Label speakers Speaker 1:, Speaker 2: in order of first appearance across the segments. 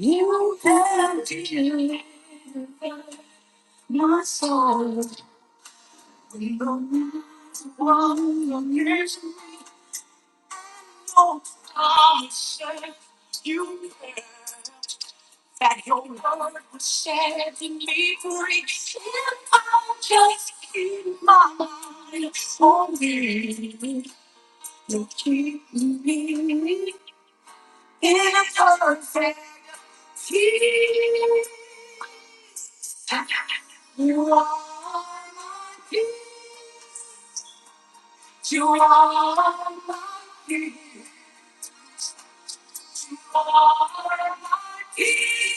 Speaker 1: You have delivered my soul from the one who gives me no answer. You said that your word was setting me free. If I just keep my mind on you, you'll keep me in a perfect peace. You are peace. You are my king. You are my king.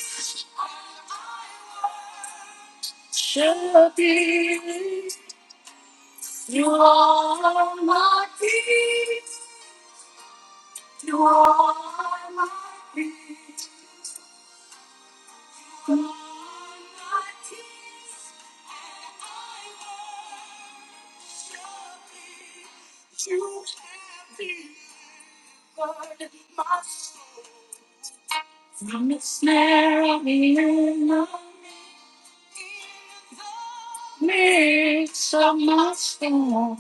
Speaker 1: Shall be. You are my king. You are my king. You delivered my soul from the snare of the enemy. midst of my storm.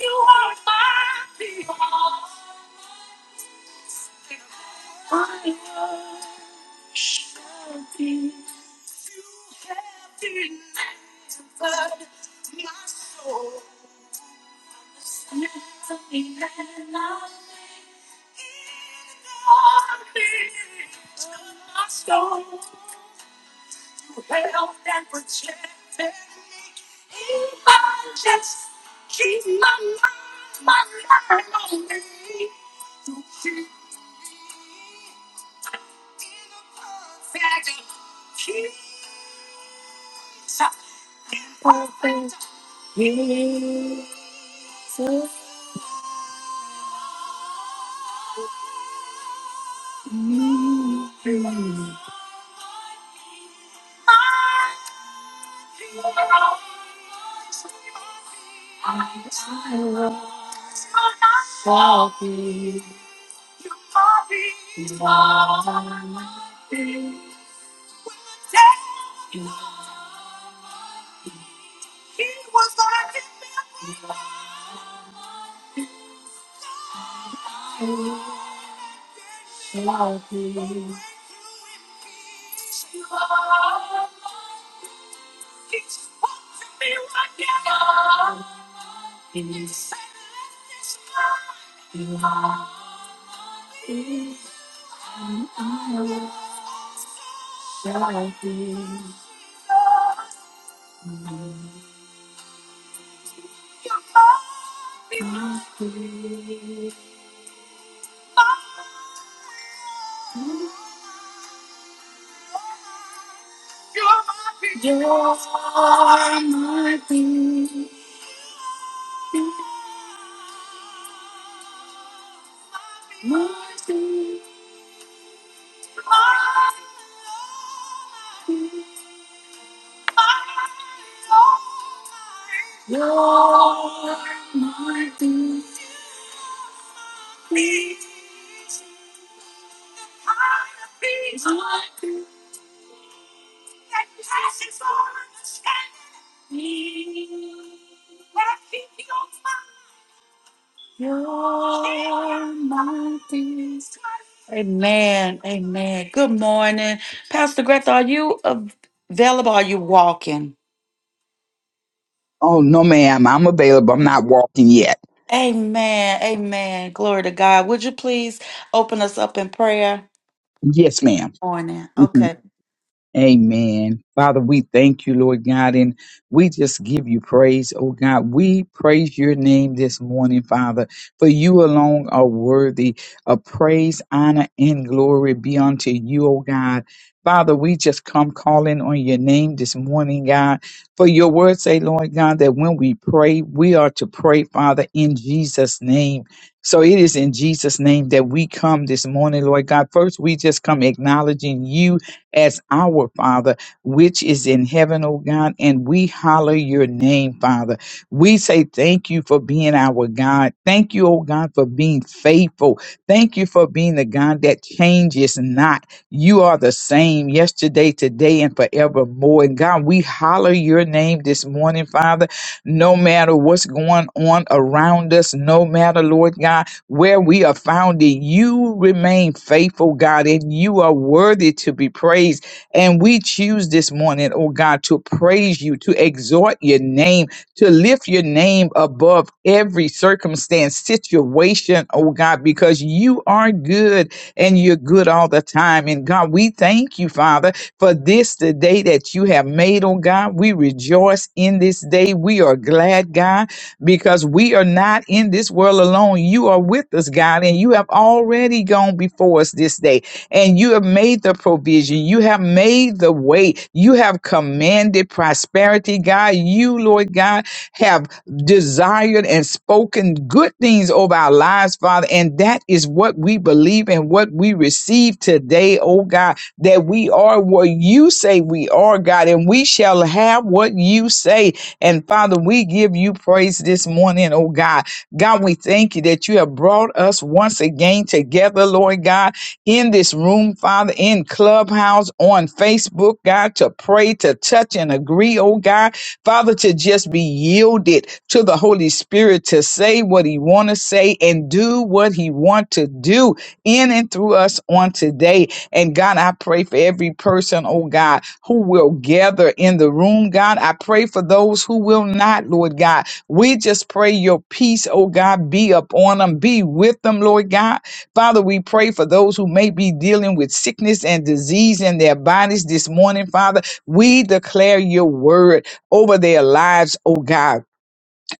Speaker 1: You are my people. My world, my home. Never be lonely. I stole to hell and rejected. Keep my chest, keep my mind, my heart on me. Don't expect to keep up with me. I Thank you. You are my peace, You are the being. You are my peace, Please, please, you are the being. That passes all understanding. You're my peace.
Speaker 2: Oh no, ma'am, I'm available. I'm not walking yet.
Speaker 1: Amen. Amen. Glory to God. Would you please open us up in prayer?
Speaker 2: Yes, madam
Speaker 1: Morning. Okay.
Speaker 2: Amen. Father, we thank you, Lord God, and we just give you praise, oh God. We praise your name this morning, Father, for you alone are worthy of praise, honor, and glory be unto you, oh God. Father, we just come calling on your name this morning, God. For your word say, Lord God, that when we pray, we are to pray, Father, in Jesus' name. So it is in Jesus' name that we come this morning, Lord God. First, we just come acknowledging you as our Father, which is in heaven, O God, and we holler your name, Father. We say thank you for being our God. Thank you, O God, for being faithful. Thank you for being the God that changes not. You are the same yesterday, today, and forevermore. And God, we holler your name this morning, Father, no matter what's going on around us, no matter, Lord God where we are founded. You remain faithful, God, and you are worthy to be praised. And we choose this morning, oh God, to praise you, to exhort your name, to lift your name above every circumstance, situation, oh God, because you are good and you're good all the time. And God, we thank you, Father, for this the day that you have made, oh God. We rejoice in this day. We are glad, God because we are not in this world alone. You are with us, God, and you have already gone before us this day, and you have made the provision. You have made the way. You have commanded prosperity, God. You, Lord God, have desired and spoken good things over our lives, Father, and that is what we believe and what we receive today, oh God, that we are what you say we are, God, and we shall have what you say. And Father, we give you praise this morning, oh God. God, we thank you that you have brought us once again together, Lord God, in this room, Father, in Clubhouse, on Facebook, God, to pray, to touch and agree, oh God. Father, to just be yielded to the Holy Spirit to say what he want to say and do what he want to do in and through us on today. And God, I pray for every person, oh God, who will gather in the room, God. I pray for those who will not, Lord God. We just pray your peace, oh God, be upon them, be with them, Lord God. Father, we pray for those who may be dealing with sickness and disease in their bodies this morning, Father. We declare your word over their lives, oh God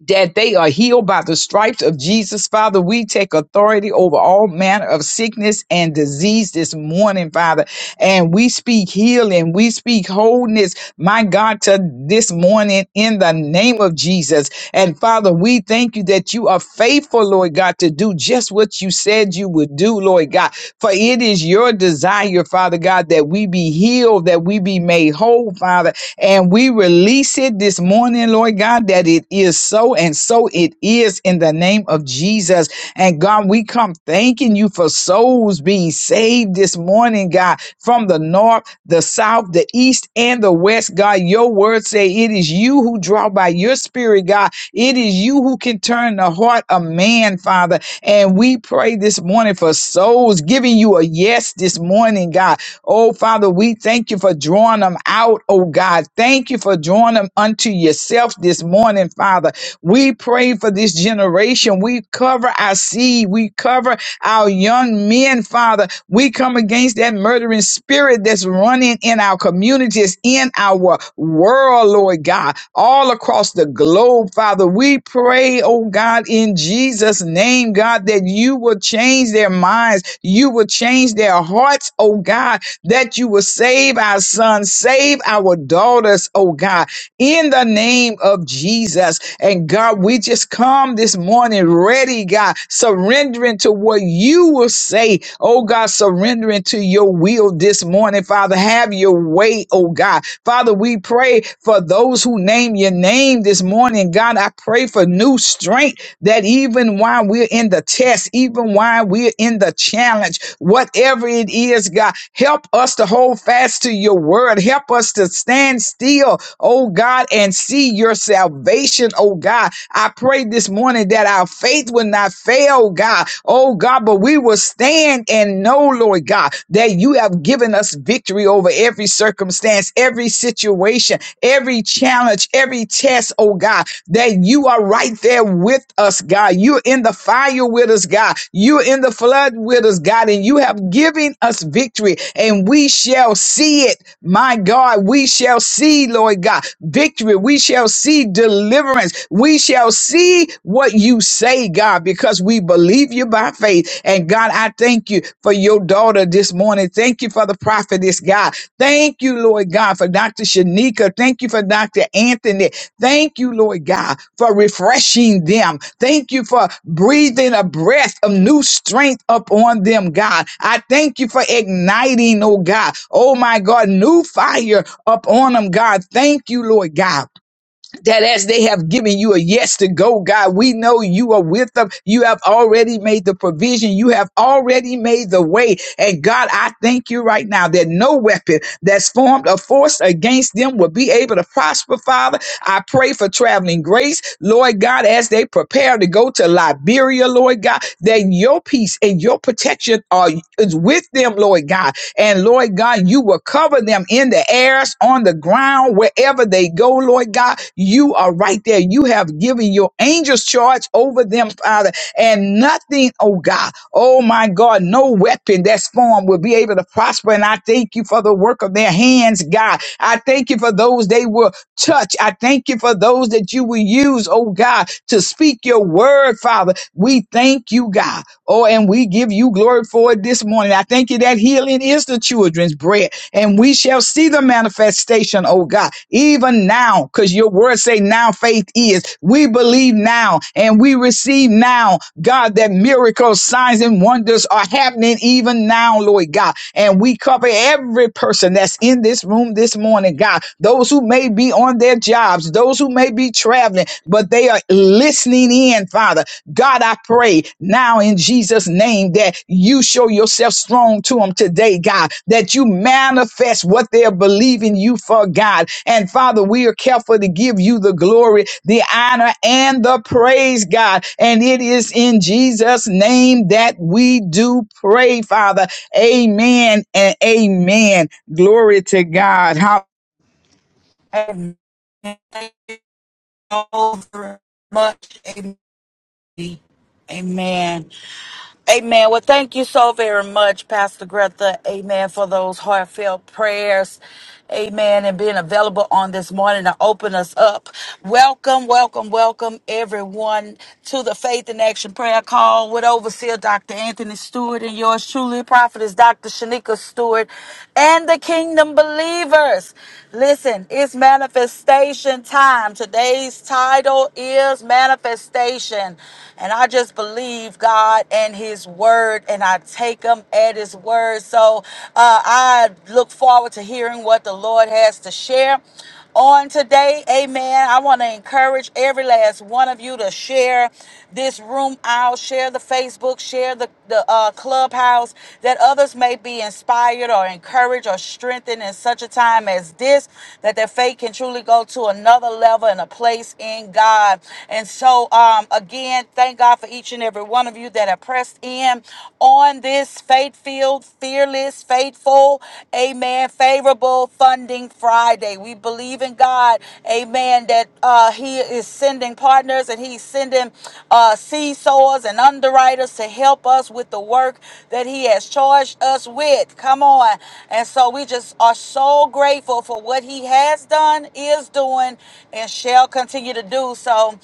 Speaker 2: that they are healed by the stripes of Jesus. Father, we take authority over all manner of sickness and disease this morning, Father. And we speak healing, we speak wholeness, my God, to this morning in the name of Jesus. And Father, we thank you that you are faithful, Lord God, to do just what you said you would do, Lord God. For it is your desire, Father God, that we be healed, that we be made whole, Father and we release it this morning, Lord God, that it is so, and so it is in the name of Jesus. And God, we come thanking you for souls being saved this morning, God, from the north, the south, the east, and the west. God, your word say it is you who draw by your spirit, God. It is you who can turn the heart of man, Father. And we pray this morning for souls giving you a yes this morning, God Oh, Father, we thank you for drawing them out, oh God. Thank you for drawing them unto yourself this morning, Father. We pray for this generation. We cover our seed. We cover our young men, Father. We come against that murdering spirit that's running in our communities, in our world, Lord God, all across the globe, Father. We pray, oh God, in Jesus' name, God, that you will change their minds. You will change their hearts, oh God, that you will save our sons, save our daughters, oh God, in the name of Jesus. And God, we just come this morning ready, God, surrendering to what you will say, oh God, surrendering to your will this morning, Father. Have your way, oh God. Father, we pray for those who name your name this morning, God. I pray for new strength that even while we're in the test, even while we're in the challenge, whatever it is, God, help us to hold fast to your word. Help us to stand still, oh God, and see your salvation, oh God. I pray this morning that our faith will not fail, God, oh God, but we will stand and know, Lord God, that you have given us victory over every circumstance, every situation, every challenge, every test, oh God, that you are right there with us, God. You're in the fire with us, God. You're in the flood with us, God, and you have given us victory, and we shall see it my God, we shall see, Lord God, victory. We shall see deliverance. We shall see what you say, God, because we believe you by faith. And God, I thank you for your daughter this morning. Thank you for the prophetess, God. Thank you, Lord God, for Dr. Shanika. Thank you for Dr. Anthony. Thank you, Lord God, for refreshing them. Thank you for breathing a breath of new strength upon them, God. I thank you for igniting, oh God. Oh my God, new fire upon them, God. Thank you, Lord God that as they have given you a yes to go, God, we know you are with them. You have already made the provision. You have already made the way. And God, I thank you right now that no weapon that's formed or forced against them will be able to prosper, Father. I pray for traveling grace, Lord God, as they prepare prepare to go to Liberia, Lord God, that your peace and your protection are is with them, Lord God. And Lord God, you will cover them in the airs, on the ground, wherever they go, Lord God. You are right there. You have given your angels charge over them, Father. And nothing, oh God, oh my God, no weapon that's formed will be able to prosper. And I thank you for the work of their hands, God. I thank you for those they will touch. I thank you for those that you will use, oh God, to speak your word, Father. We thank you, God. Oh, and we give you glory for it this morning. I thank you that healing is the children's bread and we shall see the manifestation, oh God, even now, because your word say now faith is. We believe now and we receive now, God, that miracles, signs, and wonders are happening even now, Lord God. And we cover every person that's in this room this morning, God. Those who may be on their jobs, those who may be traveling, but they are they are listening in, Father. God, I pray now in Jesus' name that you show yourself strong to them today, God, that you manifest what they're believing you for, God. And Father, we are careful to give you the glory, the honor, and the praise, God. And it is in Jesus' name that we do pray, Father. Amen and amen. Glory to God.
Speaker 1: Amen. Over much. Amen. Amen. Well, thank you so very much, Pastor Greta. Amen. For those heartfelt prayers. Amen. And being available on this morning to open us up. Welcome, welcome, welcome everyone to the Faith in Action Prayer Call with Overseer Dr. Anthony Stewart and yours truly, Prophetess Dr. Shanika Stewart and the Kingdom Believers. Listen, it's manifestation time. Today's title is Manifestation. And I just believe God and His Word, and I take Him at His Word. So uh, I look forward to hearing what the Lord has to share on today. Amen. I want to encourage every last one of you to share this room out, share the Facebook, share the the uh, clubhouse that others may be inspired or encouraged or strengthened in such a time as this that their faith can truly go to another level and a place in god and so um, again thank god for each and every one of you that have pressed in on this faith filled fearless faithful amen favorable funding friday we believe in god amen that uh, he is sending partners and He's sending uh, seed sowers and underwriters to help us with the work that He has charged us with. Come on. And so we just are so grateful for what He has done, is doing, and shall continue to do. So um,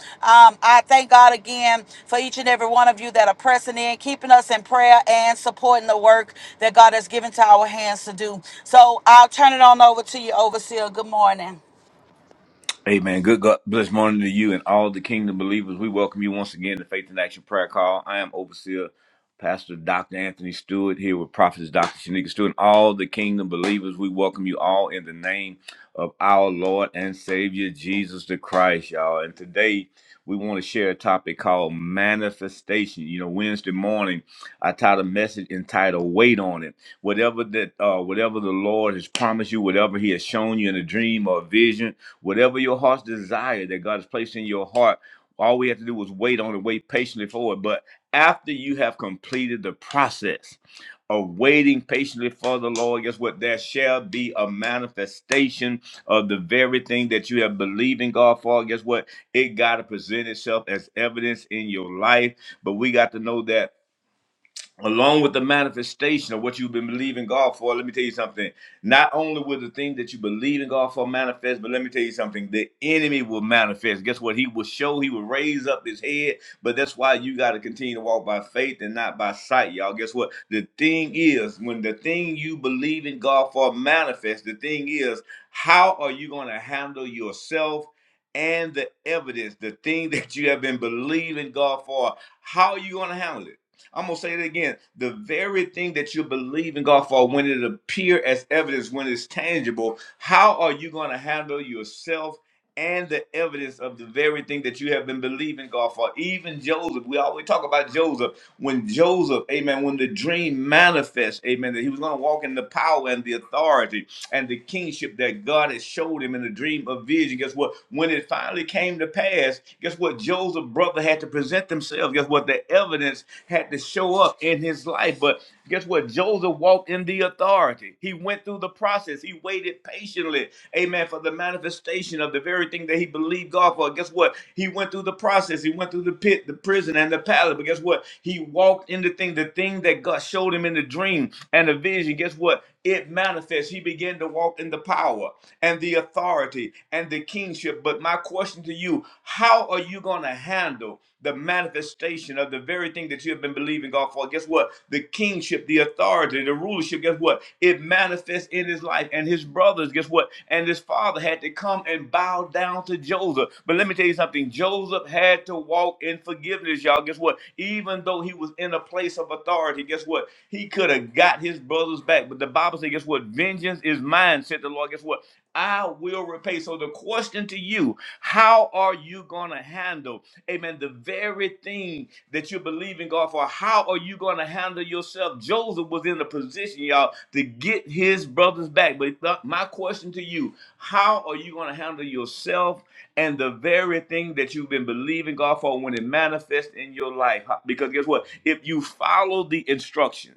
Speaker 1: I thank God again for each and every one of you that are pressing in, keeping us in prayer, and supporting the work that God has given to our hands to do. So I'll turn it on over to you, Overseer. Good morning.
Speaker 3: Amen. Good God, blessed morning to you and all the kingdom believers. We welcome you once again to Faith in Action Prayer Call. I am Overseer Pastor Dr. Anthony Stewart here with Prophets Dr. Shanika Stewart and all the kingdom believers. We welcome you all in the name of our Lord and Savior Jesus the Christ, y'all. And today we want to share a topic called manifestation. You know, Wednesday morning I taught a message entitled "Wait on It." Whatever that, uh, whatever the Lord has promised you, whatever He has shown you in a dream or a vision Whatever your heart's desire that God has placed in your heart, all we have to do is wait on it, wait patiently for it. But after you have completed the process of waiting patiently for the Lord, guess what? There shall be a manifestation of the very thing that you have believed in God for. Guess what? It got to present itself as evidence in your life. But we got to know that along with the manifestation of what you've been believing God for, let me tell you something. Not only will the thing that you believe in God for manifest, but let me tell you something, the enemy will manifest. Guess what? He will show, he will raise up his head, but that's why you got to continue to walk by faith and not by sight, y'all. Guess what? The thing is, when the thing you believe in God for manifests, the thing is, how are you going to handle yourself? And the evidence, the thing that you have been believing God for, how are you going to handle it? I'm gonna say it again. The very thing that you believe in God for, when it appears as evidence, when it's tangible, how are you gonna handle yourself? And the evidence of the very thing that you have been believing God for. Even Joseph, we always talk about Joseph when Joseph, amen, when the dream manifests, amen, that he was going to walk in the power and the authority and the kingship that God had showed him in the dream of vision. Guess what? When it finally came to pass, guess what? Joseph's brother had to present themselves. Guess what? The evidence had to show up in his life. But Guess what? Joseph walked in the authority. He went through the process. He waited patiently, amen, for the manifestation of the very thing that he believed God for. Guess what? He went through the process. He went through the pit, the prison, and the palace. But guess what? He walked in the thing, the thing that God showed him in the dream and the vision. Guess what? it manifests. He began to walk in the power and the authority and the kingship. But my question to you, how are you going to handle the manifestation of the very thing that you have been believing God for? Guess what? The kingship, the authority, the rulership, guess what? It manifests in his life wife and his brothers, guess what? And his father had to come and bow down to Joseph. But let me tell you something Joseph had to walk in forgiveness, y'all. Guess what? Even though he was in a place of authority, guess what? He could have got his brothers back. But the Bible says, guess what? Vengeance is mine, said the Lord. Guess what? I will repay. So the question to you, how are you going to handle? Amen. The very thing that you believe in God for, how are you going to handle yourself? Joseph was in a position, y'all, to get his brothers back. But my question to you, how are you going to handle yourself and the very thing that you've been believing God for when it manifests in your life? Huh? Because guess what? If you follow the instructions,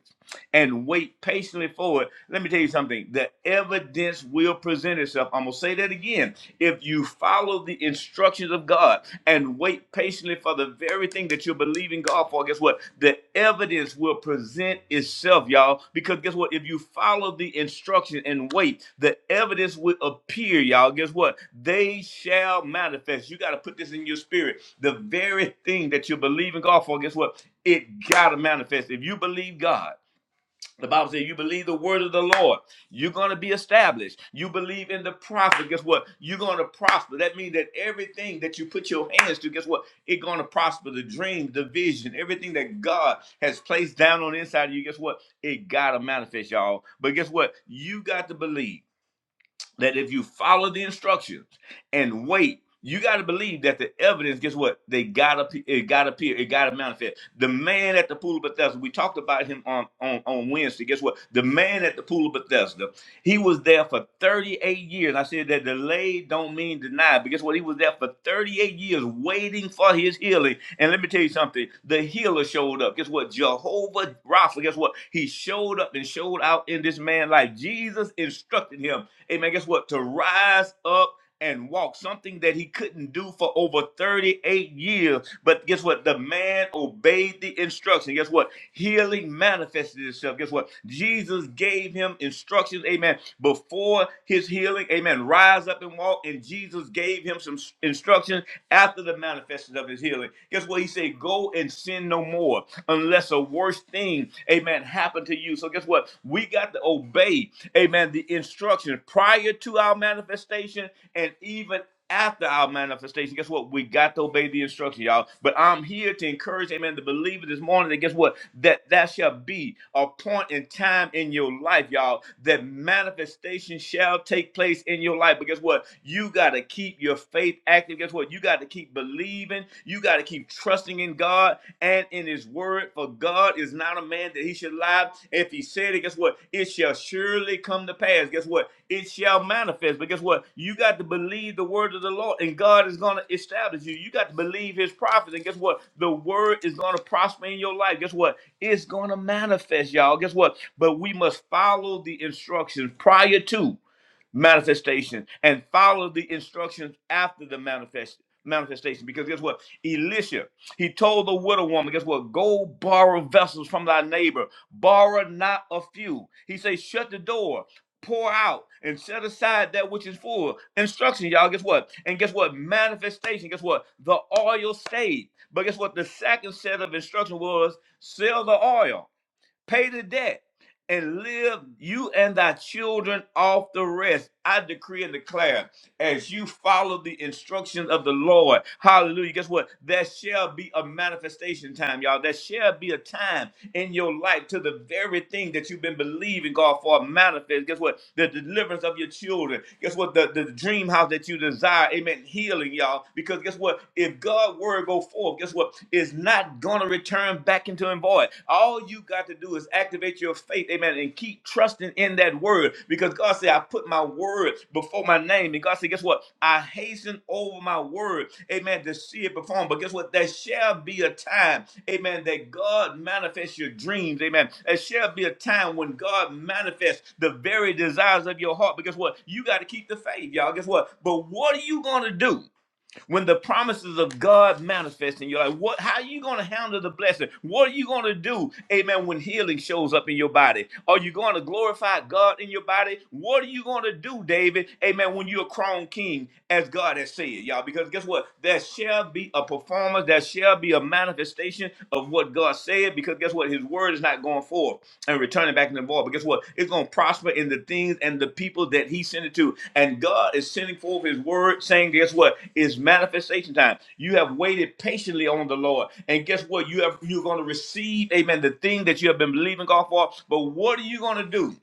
Speaker 3: and wait patiently for it. Let me tell you something. The evidence will present itself. I'm going to say that again. If you follow the instructions of God and wait patiently for the very thing that you're believing God for, guess what? The evidence will present itself, y'all. Because guess what? If you follow the instruction and wait, the evidence will appear, y'all. Guess what? They shall manifest. You got to put this in your spirit. The very thing that you're believing God for, guess what? It got to manifest. If you believe God, the Bible says, You believe the word of the Lord, you're going to be established. You believe in the prophet, guess what? You're going to prosper. That means that everything that you put your hands to, guess what? It's going to prosper. The dream, the vision, everything that God has placed down on the inside of you, guess what? It got to manifest, y'all. But guess what? You got to believe that if you follow the instructions and wait, you got to believe that the evidence. Guess what? They got to it got to appear. It got to manifest. The man at the pool of Bethesda. We talked about him on on on Wednesday. Guess what? The man at the pool of Bethesda. He was there for 38 years. I said that delay don't mean deny, but guess what? He was there for 38 years waiting for his healing. And let me tell you something. The healer showed up. Guess what? Jehovah Rapha. Guess what? He showed up and showed out in this man's life. Jesus instructed him amen, guess what? To rise up and walk, something that he couldn't do for over 38 years. But guess what? The man obeyed the instruction. Guess what? Healing manifested itself. Guess what? Jesus gave him instructions, amen, before his healing, amen, rise up and walk. And Jesus gave him some instructions after the manifestation of his healing. Guess what? He said, Go and sin no more unless a worse thing, amen, happened to you. So guess what? We got to obey amen, the instruction prior to our manifestation and even after our manifestation. Guess what? We got to obey the instruction, y'all. But I'm here to encourage, amen, the believer this morning that guess what? That that shall be a point in time in your life, y'all, that manifestation shall take place in your life. But guess what? You got to keep your faith active. Guess what? You got to keep believing. You got to keep trusting in God and in his word. For God is not a man that he should lie. If he said it, guess what? It shall surely come to pass. Guess what? it shall manifest. But guess what? You got to believe the word of the Lord, and God is going to establish you. You got to believe His prophets, and guess what? The word is going to prosper in your life. Guess what? It's going to manifest, y'all. Guess what? But we must follow the instructions prior to manifestation and follow the instructions after the manifest manifestation because guess what elisha he told the widow woman guess what go borrow vessels from thy neighbor borrow not a few he says shut the door pour out and set aside that which is full instruction y'all guess what and guess what manifestation guess what the oil stayed but guess what the second set of instruction was sell the oil Pay the debt and live you and thy children off the rest. I decree and declare as you follow the instructions of the Lord. Hallelujah. Guess what? There shall be a manifestation time, y'all. There shall be a time in your life to the very thing that you've been believing God for manifest. Guess what? The deliverance of your children. Guess what? The, the dream house that you desire. Amen. Healing, y'all. Because guess what? If God's word go forth, guess what? It's not going going to return back into him void. All you got to do is activate your faith, amen, and keep trusting in that word because God said, I put my word before my name. And God said, guess what? I hasten over my word, amen, to see it performed. But guess what? There shall be a time, amen, that God manifests your dreams, amen. There shall be a time when God manifests the very desires of your heart. But guess what? You got to keep the faith, y'all. Guess what? But what are you going to do? when the promises of God manifest in your life, what how are you gonna handle the blessing? What are you gonna do, amen, when healing shows up in your body? Are you gonna glorify God in your body? What are you gonna do, David? Amen, when you're a crowned king, as God has said, y'all. Because guess what? There shall be a performance, there shall be a manifestation of what God said, because guess what? His word is not going forth and return it back in the void. But guess what? It's going to prosper in the things and the people that he sent it to. And God is sending forth his word saying, guess what? It's manifestation time. You have waited patiently on the Lord. And guess what? You have, you're going to receive, amen, the thing that you have been believing God for. But what are you going to do?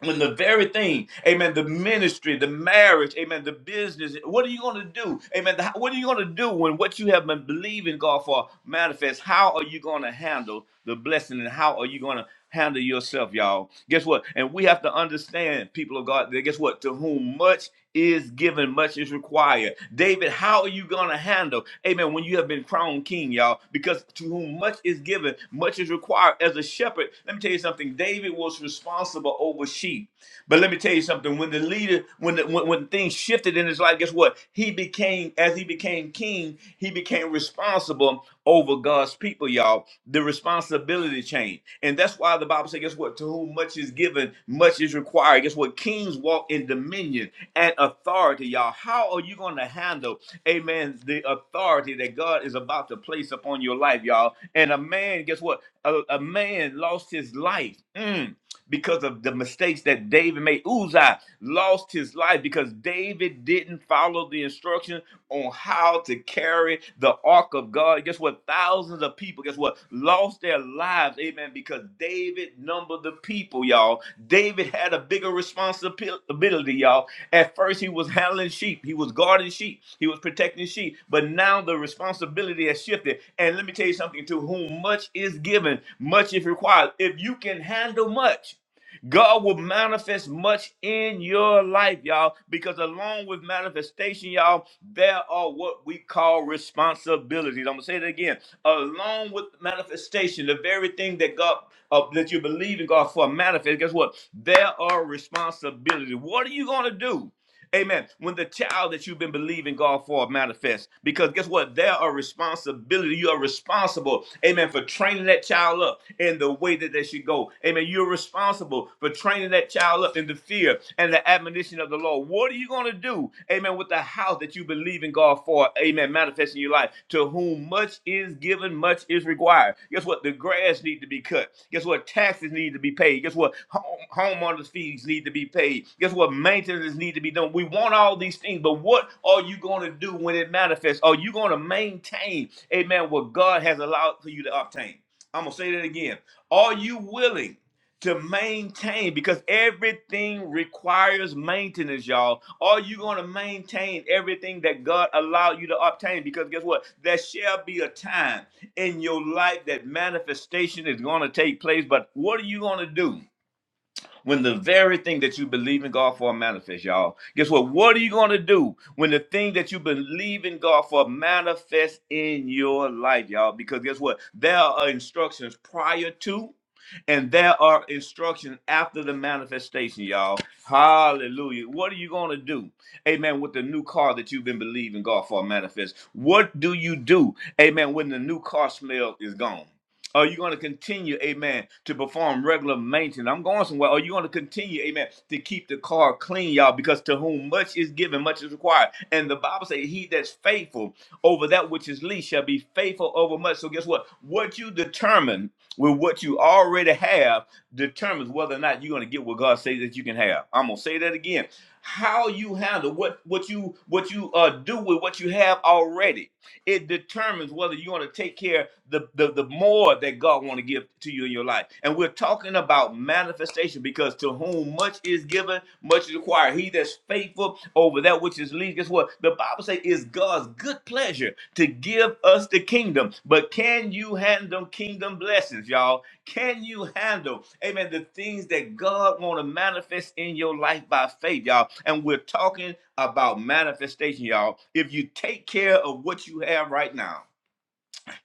Speaker 3: when the very thing, amen, the ministry, the marriage, amen, the business, what are you going to do? Amen. The- what are you going to do when what you have been believing God for manifests? How are you going to handle the blessing and how are you going to handle yourself, y'all? Guess what? And we have to understand, people of God, that guess what? To whom much is given, much is required. David, how are you going to handle, amen, when you have been crowned king, y'all? Because to whom much is given, much is required. As a shepherd, let me tell you something. David was responsible over sheep. But let me tell you something. When the leader, when, the, when, when things shifted in his life, guess what? He became, as he became king, he became responsible over God's people, y'all. The responsibility changed. And that's why the Bible says, guess what? To whom much is given, much is required. Guess what? Kings walk in dominion and authority, y'all. How are you going to handle, amen, the authority that God is about to place upon your life, y'all? And a man, guess what? A, a man lost his life. mm, Because of the mistakes that David made, Uzziah lost his life because David didn't follow the instruction on how to carry the ark of God. Guess what? Thousands of people, guess what? Lost their lives, amen, because David numbered the people, y'all. David had a bigger responsibility, y'all at first, he was handling sheep, he was guarding sheep, he was protecting sheep, but now the responsibility has shifted. And let me tell you something to whom much is given, much is required. If you can handle much, God will manifest much in your life, y'all, because along with manifestation, y'all, there are what we call responsibilities. I'm gonna say it again along with manifestation, the very thing that God uh, that you believe in God for manifest. Guess what? There are responsibilities. What are you going to do? Amen. When the child that you've been believing God for manifests, because guess what? There are responsibility. You are responsible, amen, for training that child up in the way that they should go. Amen. You're responsible for training that child up in the fear and the admonition of the Lord. What are you going to do, amen, with the house that you believe in God for, amen, manifest in your life. To whom much is given, much is required. Guess what? The grass needs to be cut. Guess what? Taxes need to be paid. Guess what? Home, homeowners fees need to be paid. Guess what? Maintenance need to be done. We want all these things, but what are you going to do when it manifests? Are you going to maintain, amen, what God has allowed for you to obtain? I'm going to say that again. Are you willing? to maintain because everything requires maintenance, y'all. Are you going to maintain everything that God allowed you to obtain? Because guess what? There shall be a time in your life that manifestation is going to take place, but what are you going to do? when the very thing that you believe in God for manifests, y'all. Guess what? What are you going to do when the thing that you believe in God for manifests in your life, y'all? Because guess what? There are instructions prior to and there are instructions after the manifestation, y'all. Hallelujah. What are you going to do? Amen. With the new car that you've been believing God for manifest. What do you do? Amen. When the new car smell is gone. Are you going to continue, amen, to perform regular maintenance? I'm going somewhere. Are you going to continue, amen, to keep the car clean, y'all? Because to whom much is given, much is required. And the Bible says, He that's faithful over that which is least shall be faithful over much. So guess what? What you determine with what you already have determines whether or not you're going to get what God says that you can have. I'm going to say that again. How you handle what what you what you uh do with what you have already it determines whether you want to take care of the, the the more that God want to give to you in your life. And we're talking about manifestation because to whom much is given, much is required. He that's faithful over that which is least, guess what? The Bible says it's God's good pleasure to give us the kingdom. But can you handle kingdom blessings, y'all? Can you handle, amen, the things that God want to manifest in your life by faith, y'all? And we're talking about manifestation, y'all. If you take care of what you have right now,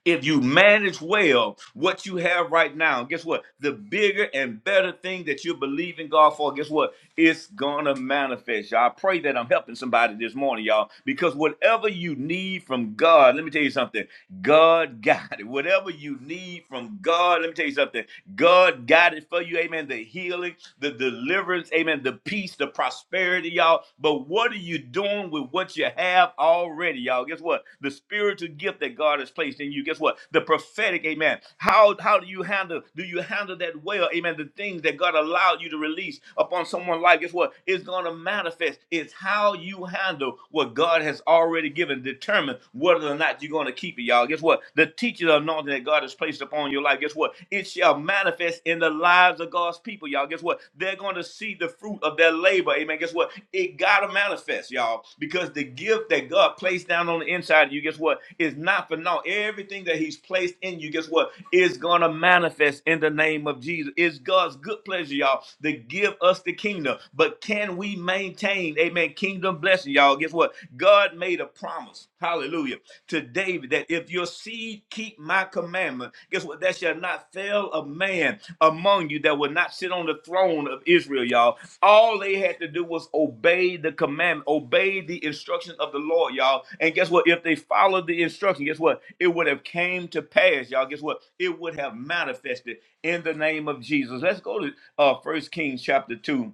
Speaker 3: if you manage well what you have right now, guess what? The bigger and better thing that you're believing God for, guess what? It's gonna manifest. Y'all I pray that I'm helping somebody this morning, y'all, because whatever you need from God, let me tell you something. God got it. Whatever you need from God, let me tell you something. God got it for you. Amen. The healing the deliverance, amen, the peace, the prosperity, y'all. But what are you doing with what you have already, y'all? Guess what? The spiritual gift that God has placed in you. Guess what? The prophetic, amen. How how do you handle? Do you handle that well, amen? The things that God allowed you to release upon someone's life, guess what? It's gonna manifest. It's how you handle what God has already given. Determine whether or not you're gonna keep it, y'all. Guess what? The teacher anointing that God has placed upon your on your life, guess what? It shall manifest in the lives of God's people, y'all. Guess what? They're going to see the fruit of their labor. Amen. Guess what? It got to manifest, y'all, because the gift that God placed down on the inside of you, guess what? Is not for naught. Everything that He's placed in you, guess what? Is going to manifest in the name of Jesus. It's God's good pleasure, y'all, to give us the kingdom. But can we maintain, amen, kingdom blessing, y'all? Guess what? God made a promise. Hallelujah to David that if your seed keep my commandment, guess what? That shall not fail a man among you that will not sit on the throne of Israel, y'all. All they had to do was obey the commandment, obey the instruction of the Lord, y'all. And guess what? If they followed the instruction, guess what? It would have came to pass, y'all. Guess what? It would have manifested in the name of Jesus. Let's go to uh First Kings chapter 2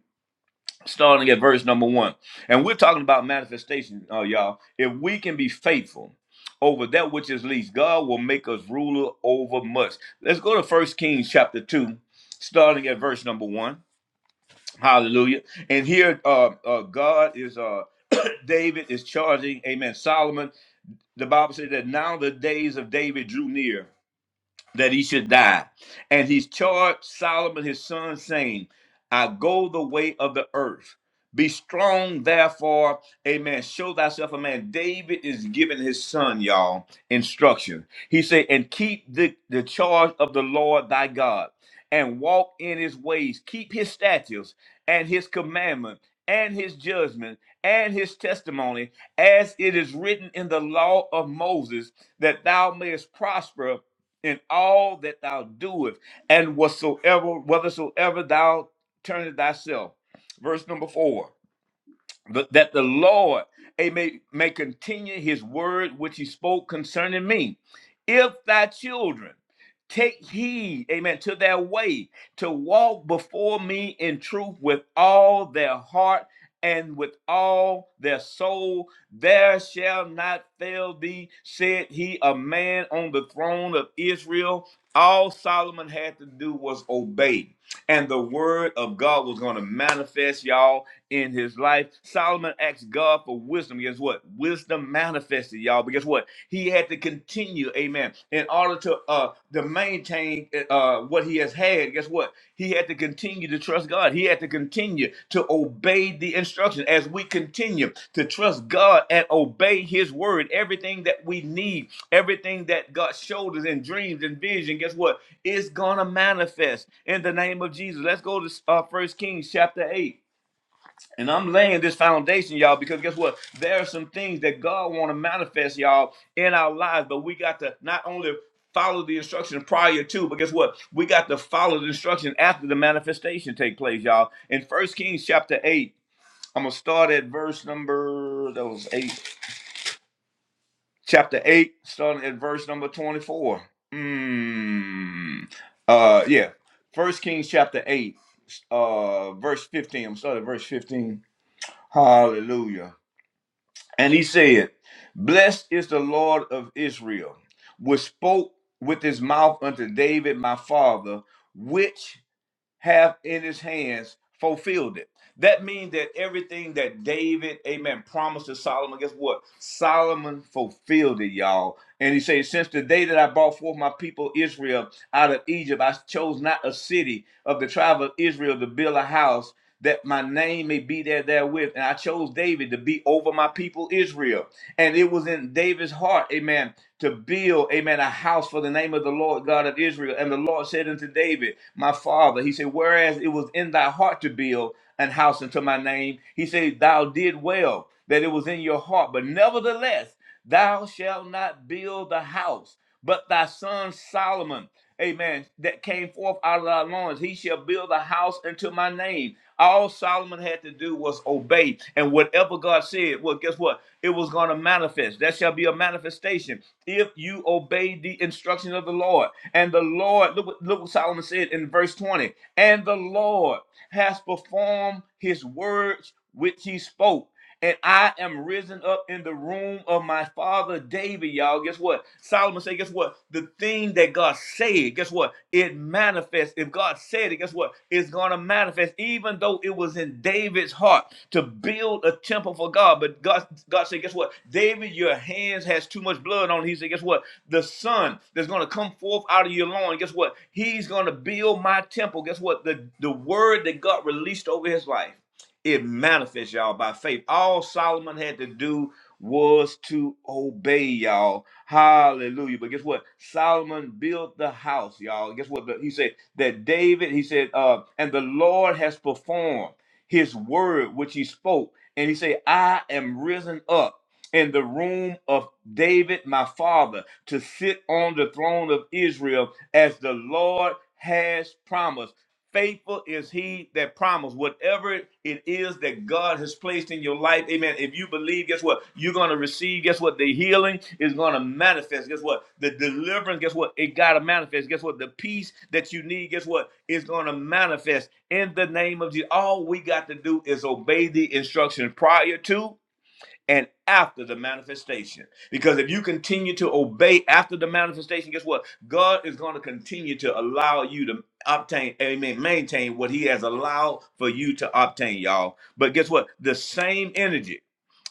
Speaker 3: starting at verse number one. And we're talking about manifestation, uh, y'all. If we can be faithful over that which is least, God will make us ruler over much. Let's go to First Kings chapter 2, starting at verse number 1. Hallelujah. And here, uh, uh, God is, uh, David is charging, amen, Solomon. The Bible says that now the days of David drew near that he should die. And he's charged Solomon his son, saying, I go the way of the earth. Be strong, therefore, amen. Show thyself a man. David is giving his son, y'all, instruction. He said, and keep the, the charge of the Lord thy God, and walk in his ways. Keep his statutes and his commandment and his judgment and his testimony, as it is written in the law of Moses, that thou mayest prosper in all that thou doest, and whatsoever, whithersoever thou turnest thyself. Verse number four. But that the Lord amen, may continue his word which he spoke concerning me. If thy children take heed, amen, to their way, to walk before me in truth with all their heart and with all their soul, there shall not fail thee, said he, a man on the throne of Israel. All Solomon had to do was obey, and the word of God was going to manifest, y'all in his life. Solomon asked God for wisdom. Guess what? Wisdom manifested, y'all. But guess what? He had to continue, amen, in order to uh to maintain uh what he has had. Guess what? He had to continue to trust God. He had to continue to obey the instruction. As we continue to trust God and obey His word, everything that we need, everything that God showed us in dreams and vision, guess what? It's gonna manifest in the name of Jesus. Let's go to uh, First Kings chapter eight. And I'm laying this foundation, y'all, because guess what? There are some things that God want to manifest, y'all, in our lives, but we got to not only follow the instruction prior to, but guess what? We got to follow the instruction after the manifestation take place, y'all. In First Kings chapter 8, I'm gonna start at verse number that was eight. Chapter 8, starting at verse number 24. Mm. Uh yeah. First Kings chapter 8, uh verse 15. I'm starting at verse 15. Hallelujah. And he said, Blessed is the Lord of Israel, which spoke with his mouth unto David my father, which have in his hands fulfilled it. That means that everything that David, amen, promised to Solomon, guess what? Solomon fulfilled it, y'all. And he says, Since the day that I brought forth my people Israel out of Egypt, I chose not a city of the tribe of Israel to build a house that my name may be there therewith. And I chose David to be over my people Israel. And it was in David's heart, amen to build, amen, a house for the name of the Lord God of Israel. And the Lord said unto David, my father, he said, whereas it was in thy heart to build an house unto my name, he said, thou did well that it was in your heart. But nevertheless, thou shalt not build the house, but thy son Solomon amen, that came forth out of thy loins. He shall build a house unto my name. All Solomon had to do was obey. And whatever God said, well, guess what? It was going to manifest. That shall be a manifestation if you obey the instructions of the Lord. And the Lord, look what, look what Solomon said in verse 20. And the Lord has performed his words which he spoke and I am risen up in the room of my father David, y'all. Guess what? Solomon said, guess what? The thing that God said, guess what? It manifests. If God said it, guess what? It's going to manifest, even though it was in David's heart to build a temple for God. But God, God said, guess what? David, your hands has too much blood on it. He said, guess what? The son that's going to come forth out of your loin, guess what? He's going to build my temple. Guess what? The, the word that God released over his life it manifests, y'all, by faith. All Solomon had to do was to obey, y'all. Hallelujah. But guess what? Solomon built the house, y'all. Guess what? He said that David, he said, uh, and the Lord has performed his word which he spoke. And he said, I am risen up in the room of David, my father, to sit on the throne of Israel as the Lord has promised. Faithful is he that promised whatever it is that God has placed in your life. Amen. If you believe, guess what? You're going to receive. Guess what? The healing is going to manifest. Guess what? The deliverance, guess what? It got to manifest. Guess what? The peace that you need, guess what? It's going to manifest in the name of Jesus. All we got to do is obey the instruction prior to and after the manifestation. Because if you continue to obey after the manifestation, guess what? God is going to continue to allow you to obtain, amen, maintain what He has allowed for you to obtain, y'all. But guess what? The same energy.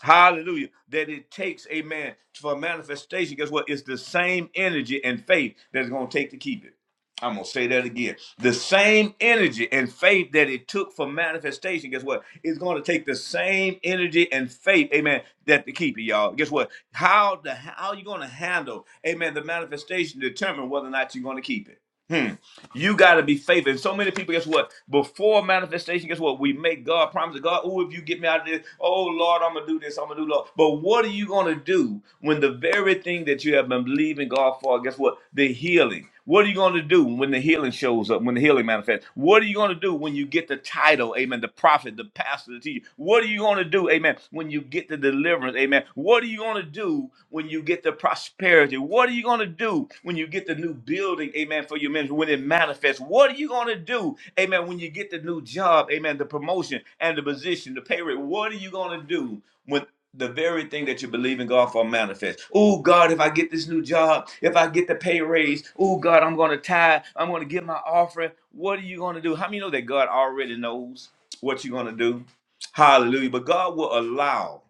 Speaker 3: Hallelujah. That it takes, amen, for manifestation. Guess what? It's the same energy and faith that's going to take to keep it. I'm going to say that again the same energy and faith that it took for manifestation, guess what? It's going to take the same energy and faith, amen, that to keep it, y'all. Guess what? How the how you going to handle, amen, the manifestation determine whether or not you're going to keep it. Hmm. You got to be faithful. And so many people, guess what? Before manifestation, guess what? We make God promise to God, oh, if you get me out of this, oh, Lord, I'm going to do this, I'm going to do Lord. But what are you going to do when the very thing that you have been believing God for, guess what? The healing. What are you going to do when the healing shows up, when the healing manifests? What are you going to do when you get the title, amen, the prophet, the pastor, the teacher? What are you going to do, amen, when you get the deliverance, amen? What are you going to do? do when you get the prosperity? What are you going to do when you get the new building, amen, for your ministry, when it manifests? What are you going to do, amen, when you get the new job, amen, the promotion and the position, the pay rate? What are you going to do when the very thing that you believe in God for manifest. Oh God, if I get this new job, if I get the pay raise, oh God, I'm gonna tithe, I'm gonna give my offering. What are you gonna do? How many know that God already knows what you're gonna do? Hallelujah. But God will allow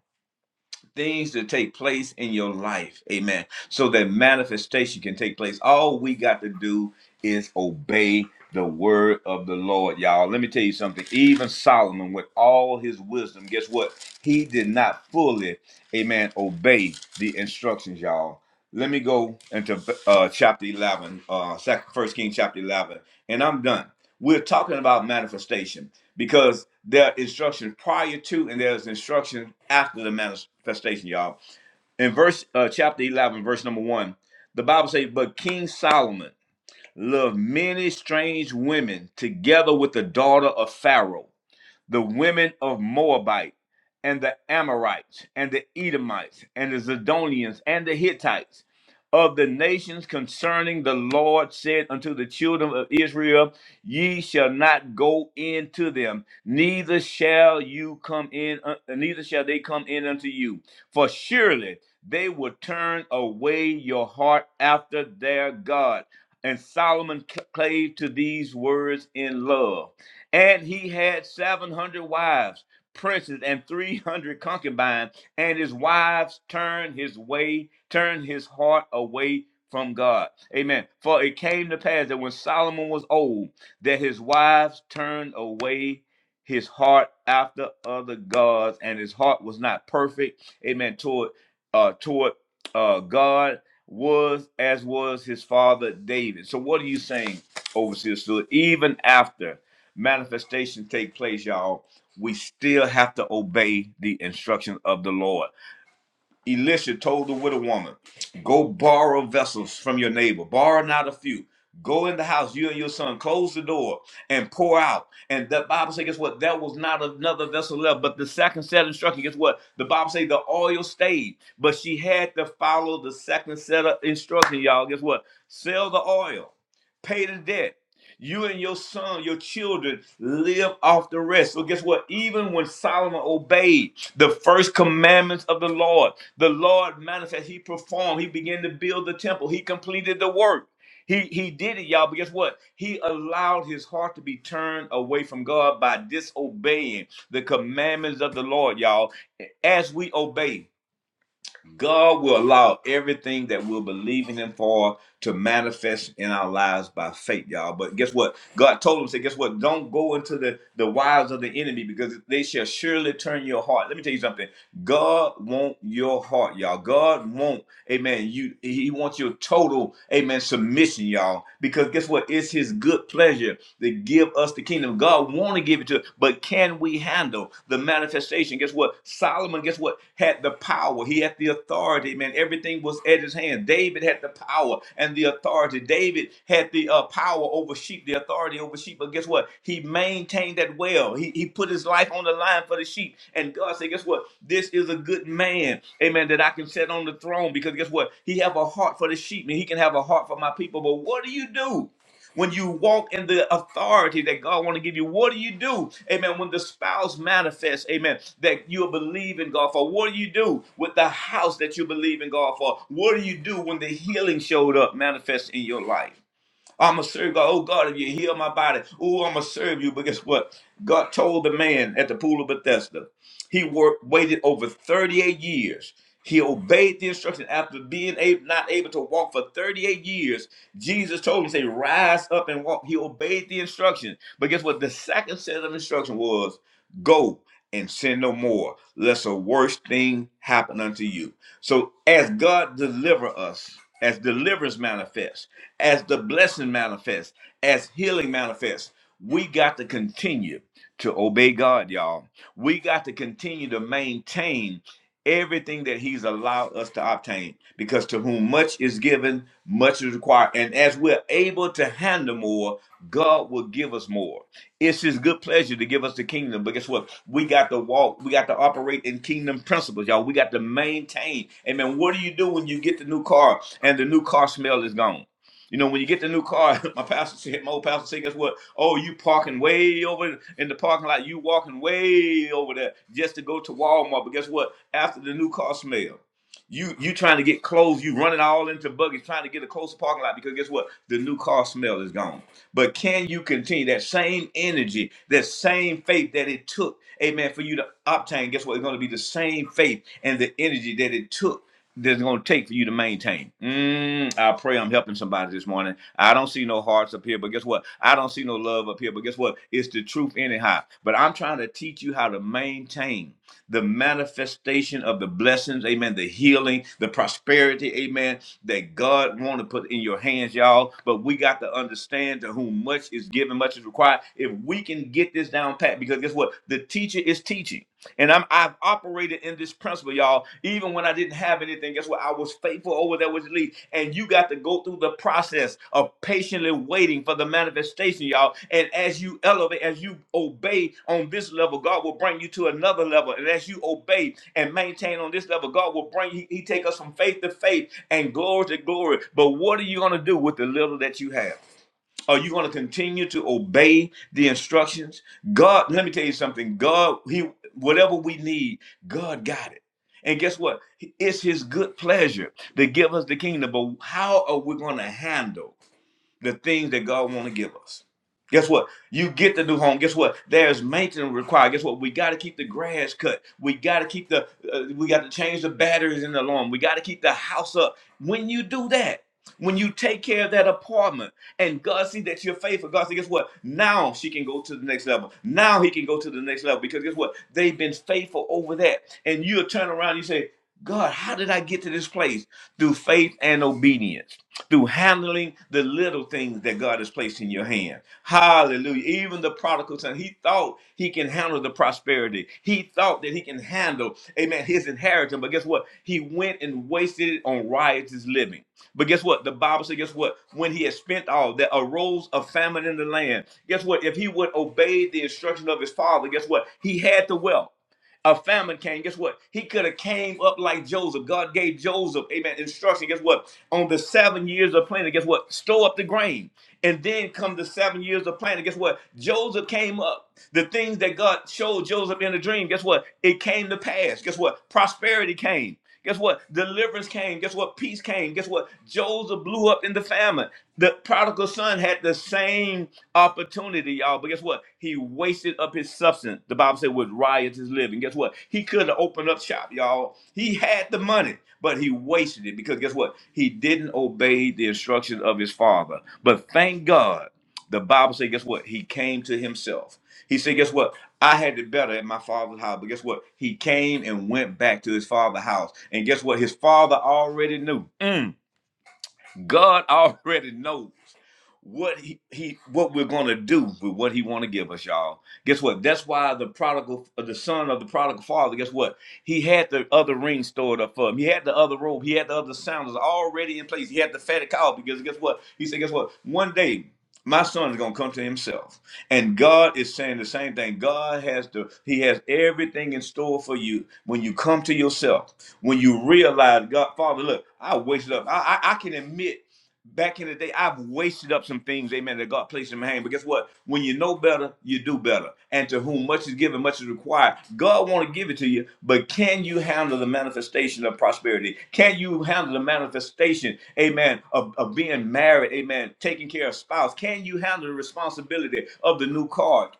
Speaker 3: things to take place in your life. Amen. So that manifestation can take place. All we got to do is obey the word of the Lord, y'all. Let me tell you something. Even Solomon, with all his wisdom, guess what? He did not fully, amen, obey the instructions, y'all. Let me go into uh, chapter 11, uh, sec- 1 King chapter 11, and I'm done. We're talking about manifestation because there are instructions prior to and there's instruction after the manifestation, y'all. In verse uh, chapter 11, verse number 1, the Bible says, But King Solomon loved many strange women together with the daughter of Pharaoh the women of Moabite, and the Amorites, and the Edomites, and the Zidonians, and the Hittites, of the nations concerning the Lord said unto the children of Israel, Ye shall not go into them, neither shall you come in, uh, neither shall they come in unto you. For surely they will turn away your heart after their God. And Solomon cl- clave to these words in love. And he had 700 wives, princes, and 300 concubines, and his wives turned his way, turned his heart away from God. Amen. For it came to pass that when Solomon was old, that his wives turned away his heart after other gods, and his heart was not perfect. Amen. Toward uh toward uh God was as was his father David. So what are you saying, overseer Stewart? Even after manifestations take place, y'all, we still have to obey the instruction of the Lord. Elisha told the widow woman, Go borrow vessels from your neighbor, borrow not a few. Go in the house, you and your son, close the door and pour out. And the Bible says, guess what? There was not another vessel left. But the second set of instructions, guess what? The Bible says the oil stayed, but she had to follow the second set of instructions, y'all. Guess what? Sell the oil, pay the debt. You and your son, your children live off the rest. So guess what? Even when Solomon obeyed the first commandments of the Lord, the Lord manifested. He performed. He began to build the temple. He completed the work. He he did it, y'all. But guess what? He allowed his heart to be turned away from God by disobeying the commandments of the Lord, y'all. As we obey. God will allow everything that we're believing Him for to manifest in our lives by faith, y'all. But guess what? God told him, say, guess what? Don't go into the, the wiles of the enemy because they shall surely turn your heart. Let me tell you something. God want your heart, y'all. God want, amen, you he wants your total, amen, submission, y'all. Because guess what? It's his good pleasure to give us the kingdom. God want to give it to us, but can we handle the manifestation? Guess what? Solomon, guess what? Had the power. He had the authority, man. Everything was at his hand. David had the power and the authority. David had the uh, power over sheep, the authority over sheep. But guess what? He maintained that well. He, he put his life on the line for the sheep. And God said, guess what? This is a good man, amen, that I can set on the throne because guess what? He have a heart for the sheep and he can have a heart for my people. But what do you do? When you walk in the authority that God want to give you, what do you do? Amen. When the spouse manifests, amen, that you believe in God for. What do you do with the house that you believe in God for? What do you do when the healing showed up manifest in your life? I'm gonna serve God. Oh God, if you heal my body, oh, I'm gonna serve you. But guess what? God told the man at the pool of Bethesda, he worked, waited over 38 years. He obeyed the instruction after being able, not able to walk for 38 years. Jesus told him, say, rise up and walk. He obeyed the instruction. But guess what? The second set of instruction was go and sin no more, lest a worse thing happen unto you. So as God deliver us, as deliverance manifests, as the blessing manifests, as healing manifests, we got to continue to obey God, y'all. We got to continue to maintain everything that he's allowed us to obtain because to whom much is given much is required and as we're able to handle more god will give us more it's his good pleasure to give us the kingdom. But guess what? We got to walk. We got to operate in kingdom principles, y'all. We got to maintain. Amen. What do you do when you get the new car and the new car smell is gone? You know, when you get the new car, my pastor said, my old pastor said, guess what? Oh, you parking way over in the parking lot. You walking way over there just to go to Walmart. But guess what? After the new car smell, you you trying to get clothes, you running all into buggies, trying to get a closer parking lot because guess what? The new car smell is gone. But can you continue that same energy, that same faith that it took, amen, for you to obtain? Guess what? It's going to be the same faith and the energy that it took that's going to take for you to maintain. Mm, I pray I'm helping somebody this morning. I don't see no hearts up here, but guess what? I don't see no love up here, but guess what? It's the truth anyhow. But I'm trying to teach you how to maintain the manifestation of the blessings, amen, the healing, the prosperity, amen, that God want to put in your hands, y'all. But we got to understand to whom much is given, much is required. If we can get this down pat, because guess what? The teacher is teaching. And I'm I've operated in this principle, y'all. Even when I didn't have anything, guess what? I was faithful over that which lead. And you got to go through the process of patiently waiting for the manifestation, y'all. And as you elevate, as you obey on this level, God will bring you to another level. And as you obey and maintain on this level, God will bring He, he take us from faith to faith and glory to glory. But what are you gonna do with the little that you have? Are you going to continue to obey the instructions? God, let me tell you something. God, He whatever we need, God got it. And guess what? It's His good pleasure to give us the kingdom. But how are we going to handle? the things that God want to give us. Guess what? You get the new home. Guess what? There's maintenance required. Guess what? We got to keep the grass cut. We got to keep the. Uh, we got to change the batteries in the alarm. We got to keep the house up. When you do that, when you take care of that apartment, and God see that you're faithful, God see. Guess what? Now she can go to the next level. Now he can go to the next level because guess what? They've been faithful over that, and you turn around and you say, God, how did I get to this place? Through faith and obedience through handling the little things that God has placed in your hand. Hallelujah. Even the prodigal son, he thought he can handle the prosperity. He thought that he can handle, amen, his inheritance. But guess what? He went and wasted it on riotous living. But guess what? The Bible said, guess what? When he had spent all, there arose a famine in the land. Guess what? If he would obey the instruction of his father, guess what? He had the wealth a famine came. Guess what? He could have came up like Joseph. God gave Joseph, amen, instruction. Guess what? On the seven years of planting, guess what? Store up the grain. And then come the seven years of planting. Guess what? Joseph came up. The things that God showed Joseph in a dream, guess what? It came to pass. Guess what? Prosperity came. Guess what? Deliverance came. Guess what? Peace came. Guess what? Joseph blew up in the famine. The prodigal son had the same opportunity, y'all. But guess what? He wasted up his substance. The Bible said with riotous living. Guess what? He could have opened up shop, y'all. He had the money, but he wasted it because guess what? He didn't obey the instructions of his father. But thank God, the Bible said, guess what? He came to himself. He said, guess what? I had it better at my father's house. But guess what? He came and went back to his father's house. And guess what? His father already knew. Mm, God already knows what he, he what we're going to do with what he want to give us y'all guess what that's why the prodigal uh, the son of the prodigal father guess what he had the other ring stored up for him he had the other robe he had the other sandals already in place he had the fatted cow because guess what he said guess what one day my son is going to come to himself and god is saying the same thing god has the he has everything in store for you when you come to yourself when you realize god father look i wasted up i i, I can admit back in the day, I've wasted up some things, amen, that God placed in my hand. But guess what? When you know better, you do better. And to whom much is given, much is required. God want to give it to you, but can you handle the manifestation of prosperity? Can you handle the manifestation, amen, of, of being married, amen, taking care of spouse? Can you handle the responsibility of the new car?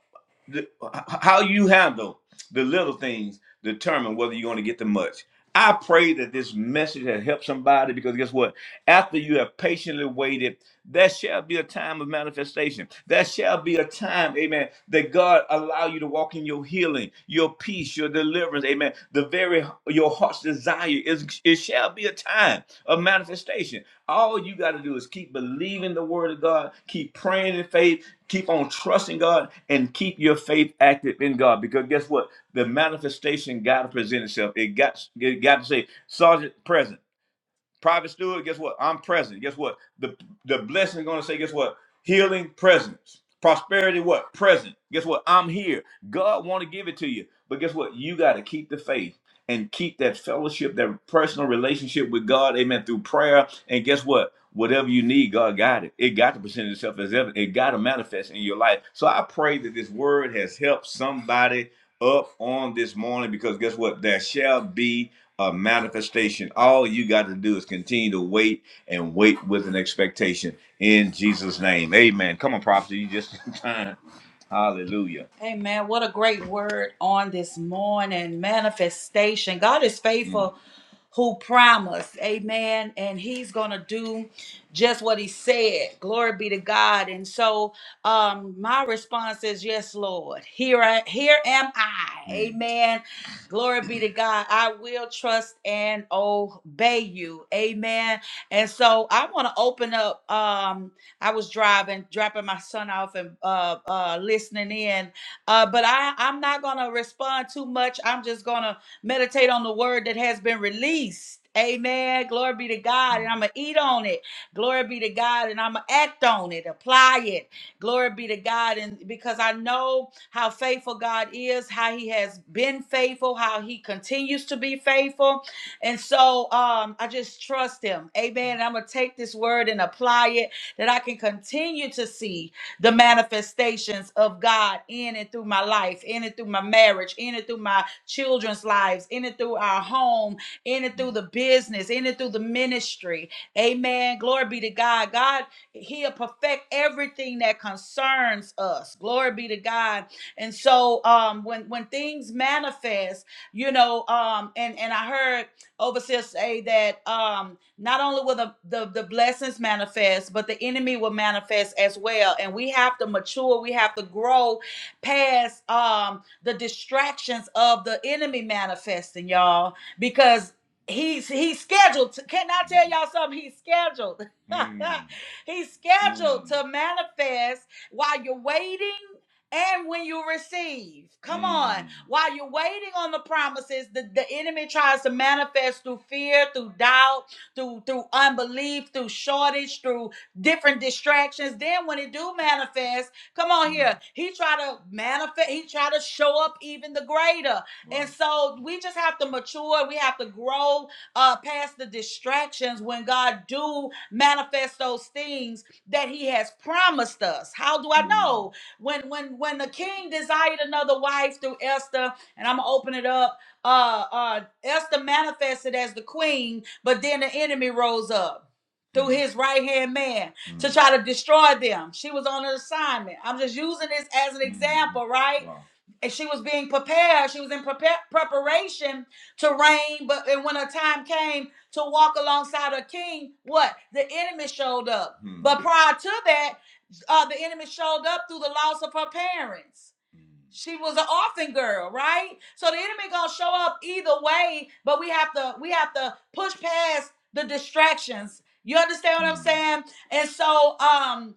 Speaker 3: the, how you handle the little things determine whether you're going to get the much. I pray that this message has helped somebody because guess what? After you have patiently waited, there shall be a time of manifestation. There shall be a time, amen, that God allow you to walk in your healing, your peace, your deliverance, amen. The very your heart's desire. It's, it shall be a time of manifestation. All you got to do is keep believing the word of God, keep praying in faith, keep on trusting God, and keep your faith active in God. Because guess what? The manifestation got to present itself. It got it got to say, Sergeant, present. Private steward, guess what? I'm present. Guess what? The the blessing is gonna say, guess what? Healing, presence. Prosperity, what? Present. Guess what? I'm here. God wanna give it to you. But guess what? You gotta keep the faith and keep that fellowship, that personal relationship with God, amen, through prayer. And guess what? Whatever you need, God got it. It got to present itself as evidence. It got to manifest in your life. So I pray that this word has helped somebody up on this morning because guess what? There shall be a manifestation. All you got to do is continue to wait and wait with an expectation in Jesus' name. Amen. Come on, prophecy. You just in time. Hallelujah. Amen. What a great word on this morning. Manifestation. God is faithful who promised. Amen. And he's gonna do just what he said. Glory be to God. And so um my response is yes, Lord. Here I here am I. Amen. Glory be to God. I will trust and obey you. Amen. And so I want to open up. Um, I was driving, dropping my son off and uh uh listening in. Uh, but I, I'm not gonna respond too much. I'm just gonna meditate on the word that has been released. Amen. Glory be to God. And I'm going to eat on it. Glory be to God. And I'm going to act on it, apply it. Glory be to God. And because I know how faithful God is, how he has been faithful, how he continues to be faithful. And so um, I just trust him. Amen. And I'm going to take this word and apply it that I can continue to see the manifestations of God in and through my life, in and through my marriage, in and through my children's lives, in and through our home, in and through the business, in and through the ministry. Amen. Glory be to God. God, He'll perfect everything that concerns us. Glory be to God. And so um when when things manifest, you know, um, and, and I heard overseer say that um not only will the, the, the blessings manifest, but the enemy will manifest as well. And we have to mature, we have to grow past um the distractions of the enemy manifesting, y'all, because he's he's scheduled to, can I tell y'all something? He's scheduled. Mm. he's scheduled mm. to Mm. manifest while you're waiting. And when you receive, come mm. on. Mm. While you're waiting on the promises, the, the enemy tries to manifest through fear, through doubt, through through unbelief, through shortage, through different distractions. Then when it do manifest, come on here, he try to manifest, he try to show up even the greater. And so we just have to mature, we have to grow uh past the distractions when God do manifest those things that he has promised us. How do I know? When when when the king desired another wife through Esther, and I'm gonna open it up. Uh, uh, Esther manifested as the queen, but then the enemy rose up through Mm, his right hand man mm-hmm. to mm, try to destroy them. She was on an assignment. I'm just using this as an mm. example, right? Wow. and she was being prepared. She was in prepar- preparation to reign, but and when her time came to walk alongside her king, what the enemy showed up. Mm, But prior to that, uh, the enemy showed up through the loss of her parents. She was an orphan girl, right? So the enemy gonna show up either way, but we have to we have to push past the distractions. You understand what I'm saying? And so um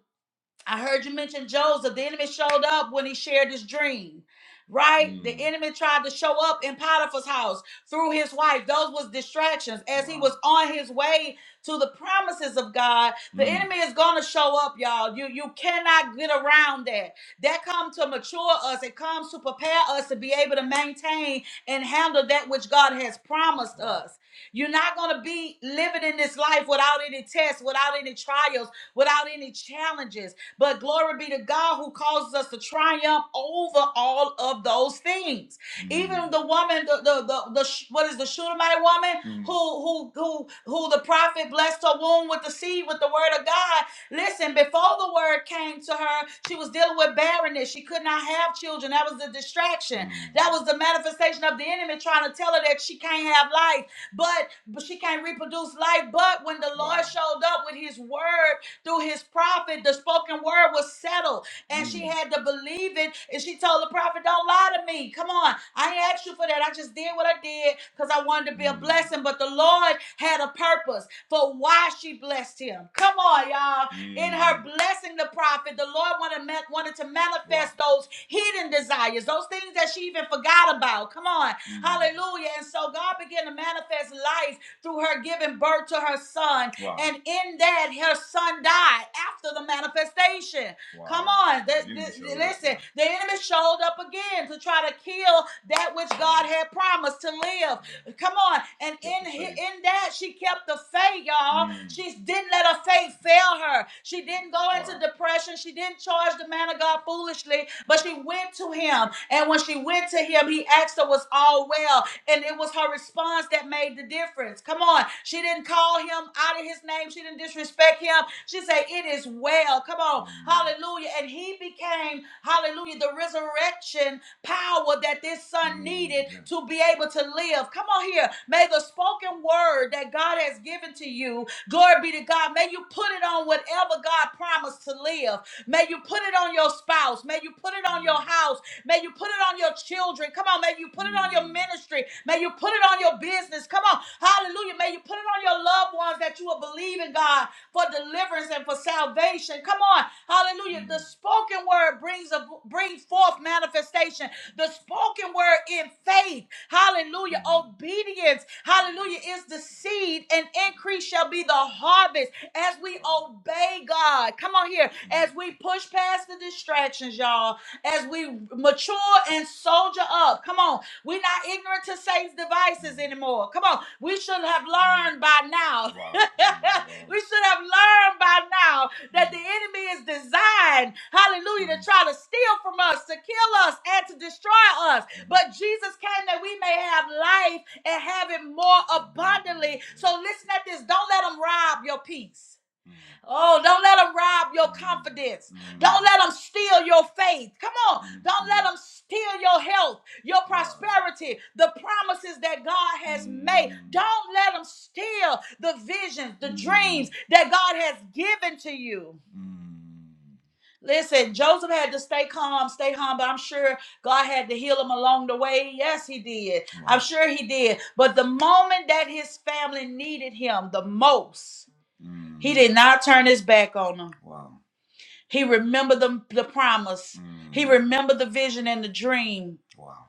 Speaker 3: I heard you mention Joseph. The enemy showed up when he shared his dream, right? The Mm. enemy tried to show up in Potiphar's house through his wife. Those was distractions. As he Wow. was on his way to the promises of God, the Mm. enemy is gonna show up, y'all. You you cannot get around that. That comes to mature us. It comes to prepare us to be able to maintain and handle that which God has promised Wow. us. You're not gonna be living in this life without any tests, without any trials, without any challenges. But glory be to God who causes us to triumph over all of those things. Mm-hmm. Even the woman, the the the, the what is the Shunammite woman mm-hmm. who who who who the prophet blessed her womb with the seed with the word of God. Listen, before the word came to her, she was dealing with barrenness. She could not have children. That was the distraction. Mm-hmm. That was the manifestation of the enemy trying to tell her that she can't have life, but, but she can't reproduce life. But when the Lord wow. showed up with his word through his prophet, the spoken word was settled. And she Mm. had to believe it. And she told the prophet, Don't lie to me. Come on. I ain't asked you for that. I just did what I did because I wanted to be a Mm. blessing. But the Lord had a purpose for why she blessed him. Come on, y'all. In her Mm. blessing the prophet, the Lord wanted, ma- wanted to Wow. manifest those hidden desires, those things that she even forgot about. Come on. Mm. Hallelujah. And so God began to manifest life through her giving birth to her son. Wow. And in that, her son died after the manifestation. Wow. Come on. The th- enemy th- up. listen, the enemy showed up again to try to kill that which God had promised to live. Come on. And in in that, she kept the faith, y'all. Mm. She didn't let her faith fail her. She didn't go into Wow. depression. She didn't charge the man of God foolishly, but she went to him. And when she went to him, he asked her, Was all well? and it was her response that made the difference. Come on. She didn't call him out of his name. She didn't disrespect him. She said, It is well. Come on. Hallelujah. And he became, hallelujah, the resurrection power that this son needed to be able to live. Come on here. May the spoken word that God has given to you, glory be to God, may you put it on whatever God promised to live. May you put it on your spouse. May you put it on your house. May you put it on your children. Come on. May you put it on your ministry. May you put it on your business. Come on. Hallelujah. May you put it on your loved ones that you will believe in God for deliverance and for salvation. Come on. Hallelujah. The spoken word brings a brings forth manifestation. The spoken word in faith. Hallelujah. Obedience. Hallelujah is the seed and increase shall be the harvest as we obey God. Come on here. As we push past the distractions, y'all as we mature and soldier up. Come on. We're not ignorant to Satan's devices anymore. Come on. We should have learned by now. Wow. we should have learned by now that the enemy is designed, hallelujah, to try to steal from us, to kill us, and to destroy us. But Jesus came that we may have life and have it more abundantly. So listen at this. Don't let them rob your peace. Oh, don't let them rob your confidence. Don't let them steal your faith. Come on. Don't let them steal your health, your prosperity, the promises that God has made. Don't let them steal the visions, the dreams that God has given to you. Listen, Joseph had to stay calm, stay humble. I'm sure God had to heal him along the way. Yes, he did. I'm sure he did. But the moment that his family needed him the most, Mm. He Mm. did not turn his back on them. Wow. He remembered the, the promise. Mm. He Mm. remembered the vision and the dream. Wow.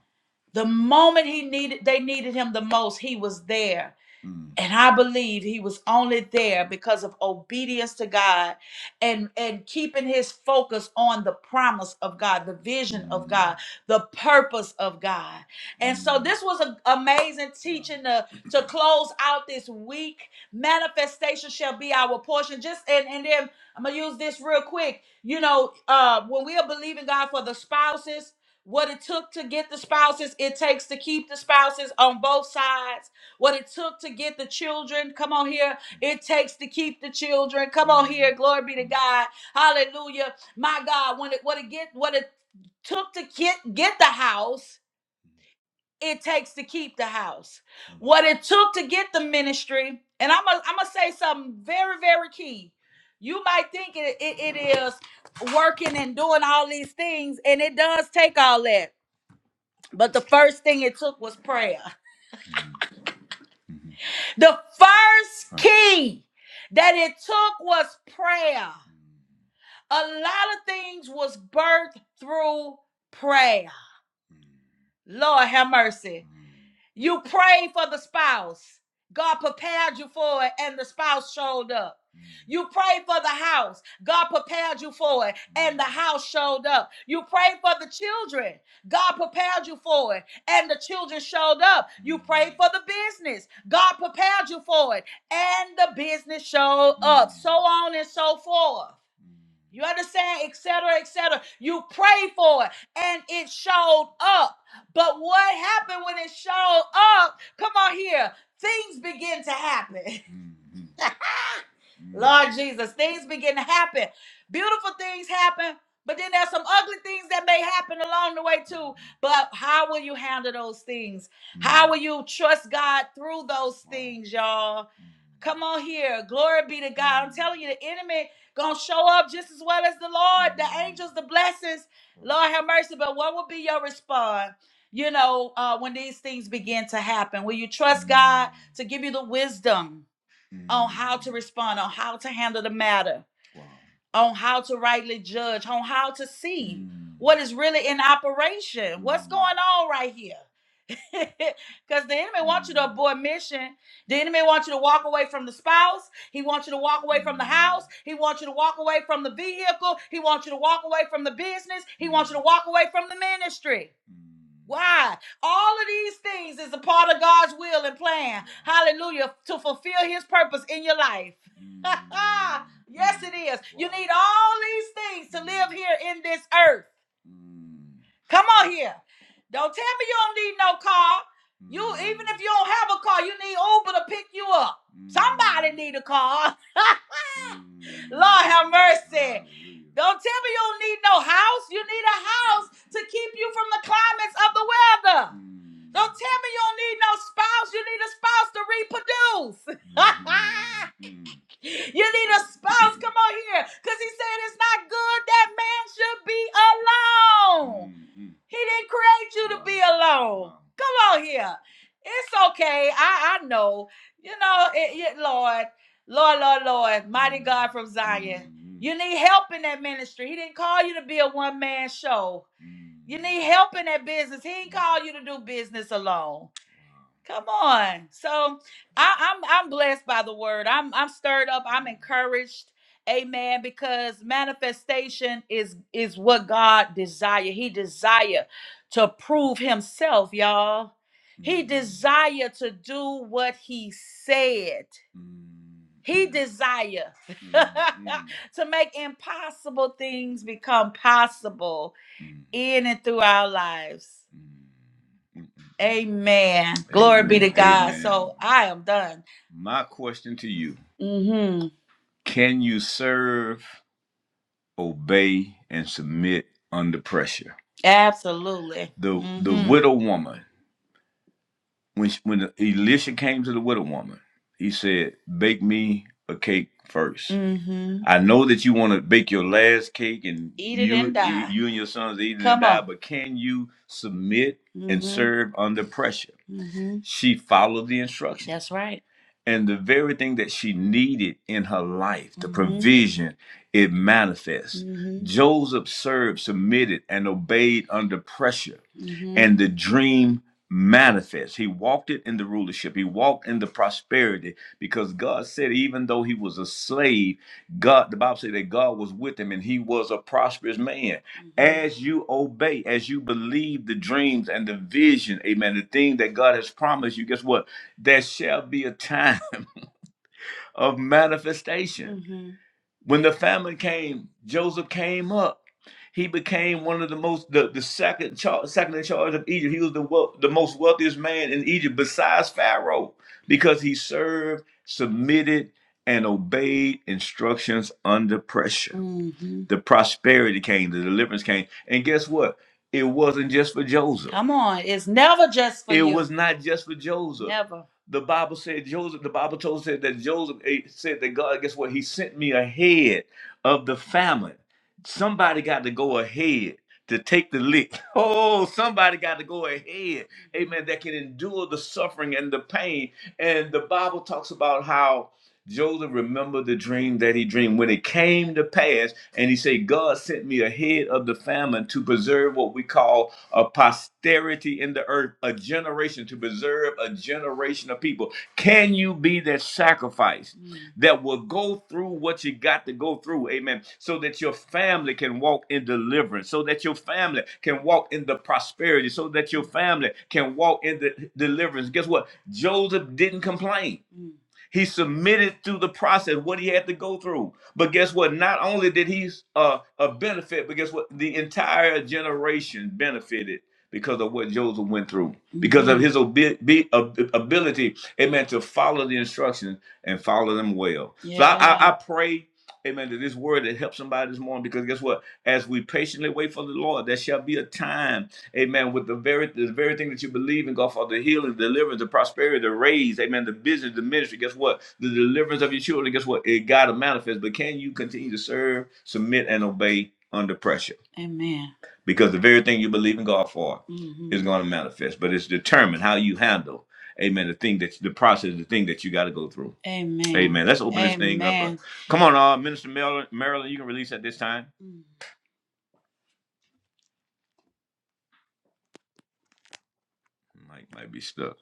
Speaker 3: The moment he needed they needed him the most, he was there. Mm. And I believe he was only there because of obedience to God and, and keeping his focus on the promise of God, the vision of Mm. God, the purpose of God. And so Mm. this was an amazing Wow. teaching to, to close out this week. Manifestation shall be our portion. Just and, and then I'm gonna use this real quick you know, uh, when we are believing God for the spouses, what it took to get the spouses, it takes to keep the spouses on both sides. What it took to get the children, come on here, it takes to keep the children. Come on here, glory be to God, Hallelujah, my God. When it what it get what it took to get get the house it takes to keep the house. What it took to get the ministry, and I'm gonna I'm gonna say something very, very key. You might think it, it, it is working and doing all these things, and it does take all that. But the first thing it took was prayer. The first key that it took was prayer. A lot of things was birthed through prayer. Mm. Lord have mercy. You prayed for the spouse. God prepared you for it, and the spouse showed up. You prayed for the house. God prepared you for it, and the house showed up. You prayed for the children. God prepared you for it, and the children showed up. You prayed for the business. God prepared you for it, and the business showed up. So on and so forth. You understand? Etc. Etc. You pray for it and it showed up. But what happened when it showed up? Come on here. Things begin to happen. Lord Jesus, things begin to happen. Beautiful things happen, but then there's some ugly things that may happen along the way too. But how will you handle those things? How will you trust God through those things, y'all? Come on here. Glory be to God. I'm telling you, the enemy gonna show up just as well as the Lord, the angels, the blessings. Lord have mercy. But what will be your response? You know, uh, when these things begin to happen, will you trust God to give you the wisdom? mm. on Mm. how to respond, on how to handle the matter, Wow. on how to rightly judge, on how to see Mm. what is really in operation. Mm. What's Mm. going on right here? Because the enemy wants you to abort mission. The enemy wants you to walk away from the spouse. He wants you to walk away from the house. He wants you to walk away from the vehicle. He wants you to walk away from the business. He wants you to walk away from the ministry. Why? All of these things is a part of God's will and plan. Hallelujah. To fulfill his purpose in your life. yes, it is. You need all these things to live here in this earth. Come on here. Don't tell me you don't need no car. Mm-hmm. You even if you don't have a car, you need Uber to pick you up. Mm-hmm. Somebody need a car. Mm-hmm. Lord have mercy. Mm-hmm. Don't tell me you don't need no house. You need a house to keep you from the climates of the weather. Mm-hmm. Don't tell me you don't need no spouse. You need a spouse to reproduce. Mm-hmm. you need a spouse. Come on here. Because he said it's not good that man should be alone. Mm-hmm. He didn't create you to be No, alone. no. Come on here. It's okay. I, I know. You know, it, it- Lord, Lord, Lord, Lord, mighty Mhm. God from Zion. Mhm. You need help in that ministry. He didn't call you to be a one man show. Mm. You need help in that business. He didn't call you to do business alone. Come on. So I, I'm I'm blessed by the word. I'm I'm stirred up. I'm encouraged. Amen. Because manifestation is is what God desire. He desire to prove himself, y'all. He Mhm. desire to do what he said. Mm. He Mhm. desire Mhm. to make impossible things become possible Mm. in and through our lives. Mm. Mm, mm, mm. Amen. Glory be to Amen, God. Amen. So I am done. My question to you. Can you serve, obey, and submit under pressure? Absolutely. The the Mm-hmm. widow woman when sh- when Elisha came to the widow woman, he said, "Bake me a cake first. Mm-hmm. I know that you want to bake your last cake, and Eat it you you die. you you and your sons eat it Come and die. on. But can you submit and Mm-hmm. and serve under pressure?" Mm-hmm. She followed the instructions, That's right. and the very thing that she needed in her life, the Mm-hmm. provision, it manifests. Mm-hmm. Joseph served, submitted, and obeyed under pressure, Mm-hmm. and the dream manifest. He walked it in the rulership. He walked in the prosperity because God said, even though he was a slave, God, the Bible said that God was with him and he was a prosperous man. Mhm. As you obey, as you believe the dreams and the vision, amen, the thing that God has promised you, guess what? There shall be a time of manifestation. hmm When the famine came, Joseph came up. He became one of the most the, the second char- second in charge of Egypt. He was the wealth, the most wealthiest man in Egypt besides Pharaoh because he served, submitted, and obeyed instructions under pressure. hmm The prosperity came, the deliverance came. And guess what? It wasn't just for Joseph. Come on. It's never just for It you. was not just for Joseph. Never. The Bible said Joseph, the Bible told said that Joseph eh, said that God, guess what? He sent me ahead of the famine. Somebody got to go ahead to take the lick. Oh, somebody got to go ahead. Amen. That can endure the suffering and the pain. And the Bible talks about how Joseph remembered the dream that he dreamed when it came to pass. And he said, God sent me ahead of the famine to preserve what we call a posterity in the earth, a generation to preserve a generation of people. Can you be that sacrifice Mm. that will go through what you got to go through? Amen. So that your family can walk in deliverance, so that your family can walk in the prosperity, so that your family can walk in the deliverance. Guess what? Joseph didn't complain. Mm. He submitted through the process what he had to go through. But guess what? Not only did he uh, uh benefit, but guess what? The entire generation benefited because of what Joseph went through, because of hmm his obi- be- ab- ability, amen, to follow the instructions and follow them well. So I, I, Yeah. I pray, amen, that this word that helps somebody this morning, because guess what? As we patiently wait for the Lord, there shall be a time Amen. With the very the very thing that you believe in, God, for the healing, the deliverance, the prosperity, the raise, amen, the business, the ministry. Guess what? The deliverance of your children, guess what? It gotta manifest. But can you continue to serve, submit, and obey under pressure? Amen. Because the very thing you believe in God for hmm is gonna manifest. But it's determined how you handle, amen, the thing that the process, the thing that you gotta go through. Amen. Amen. Let's open this thing up. Uh, Amen. Come on, uh, Minister Marilyn, Marilyn, you can release at this time. Mm. Mike might be stuck.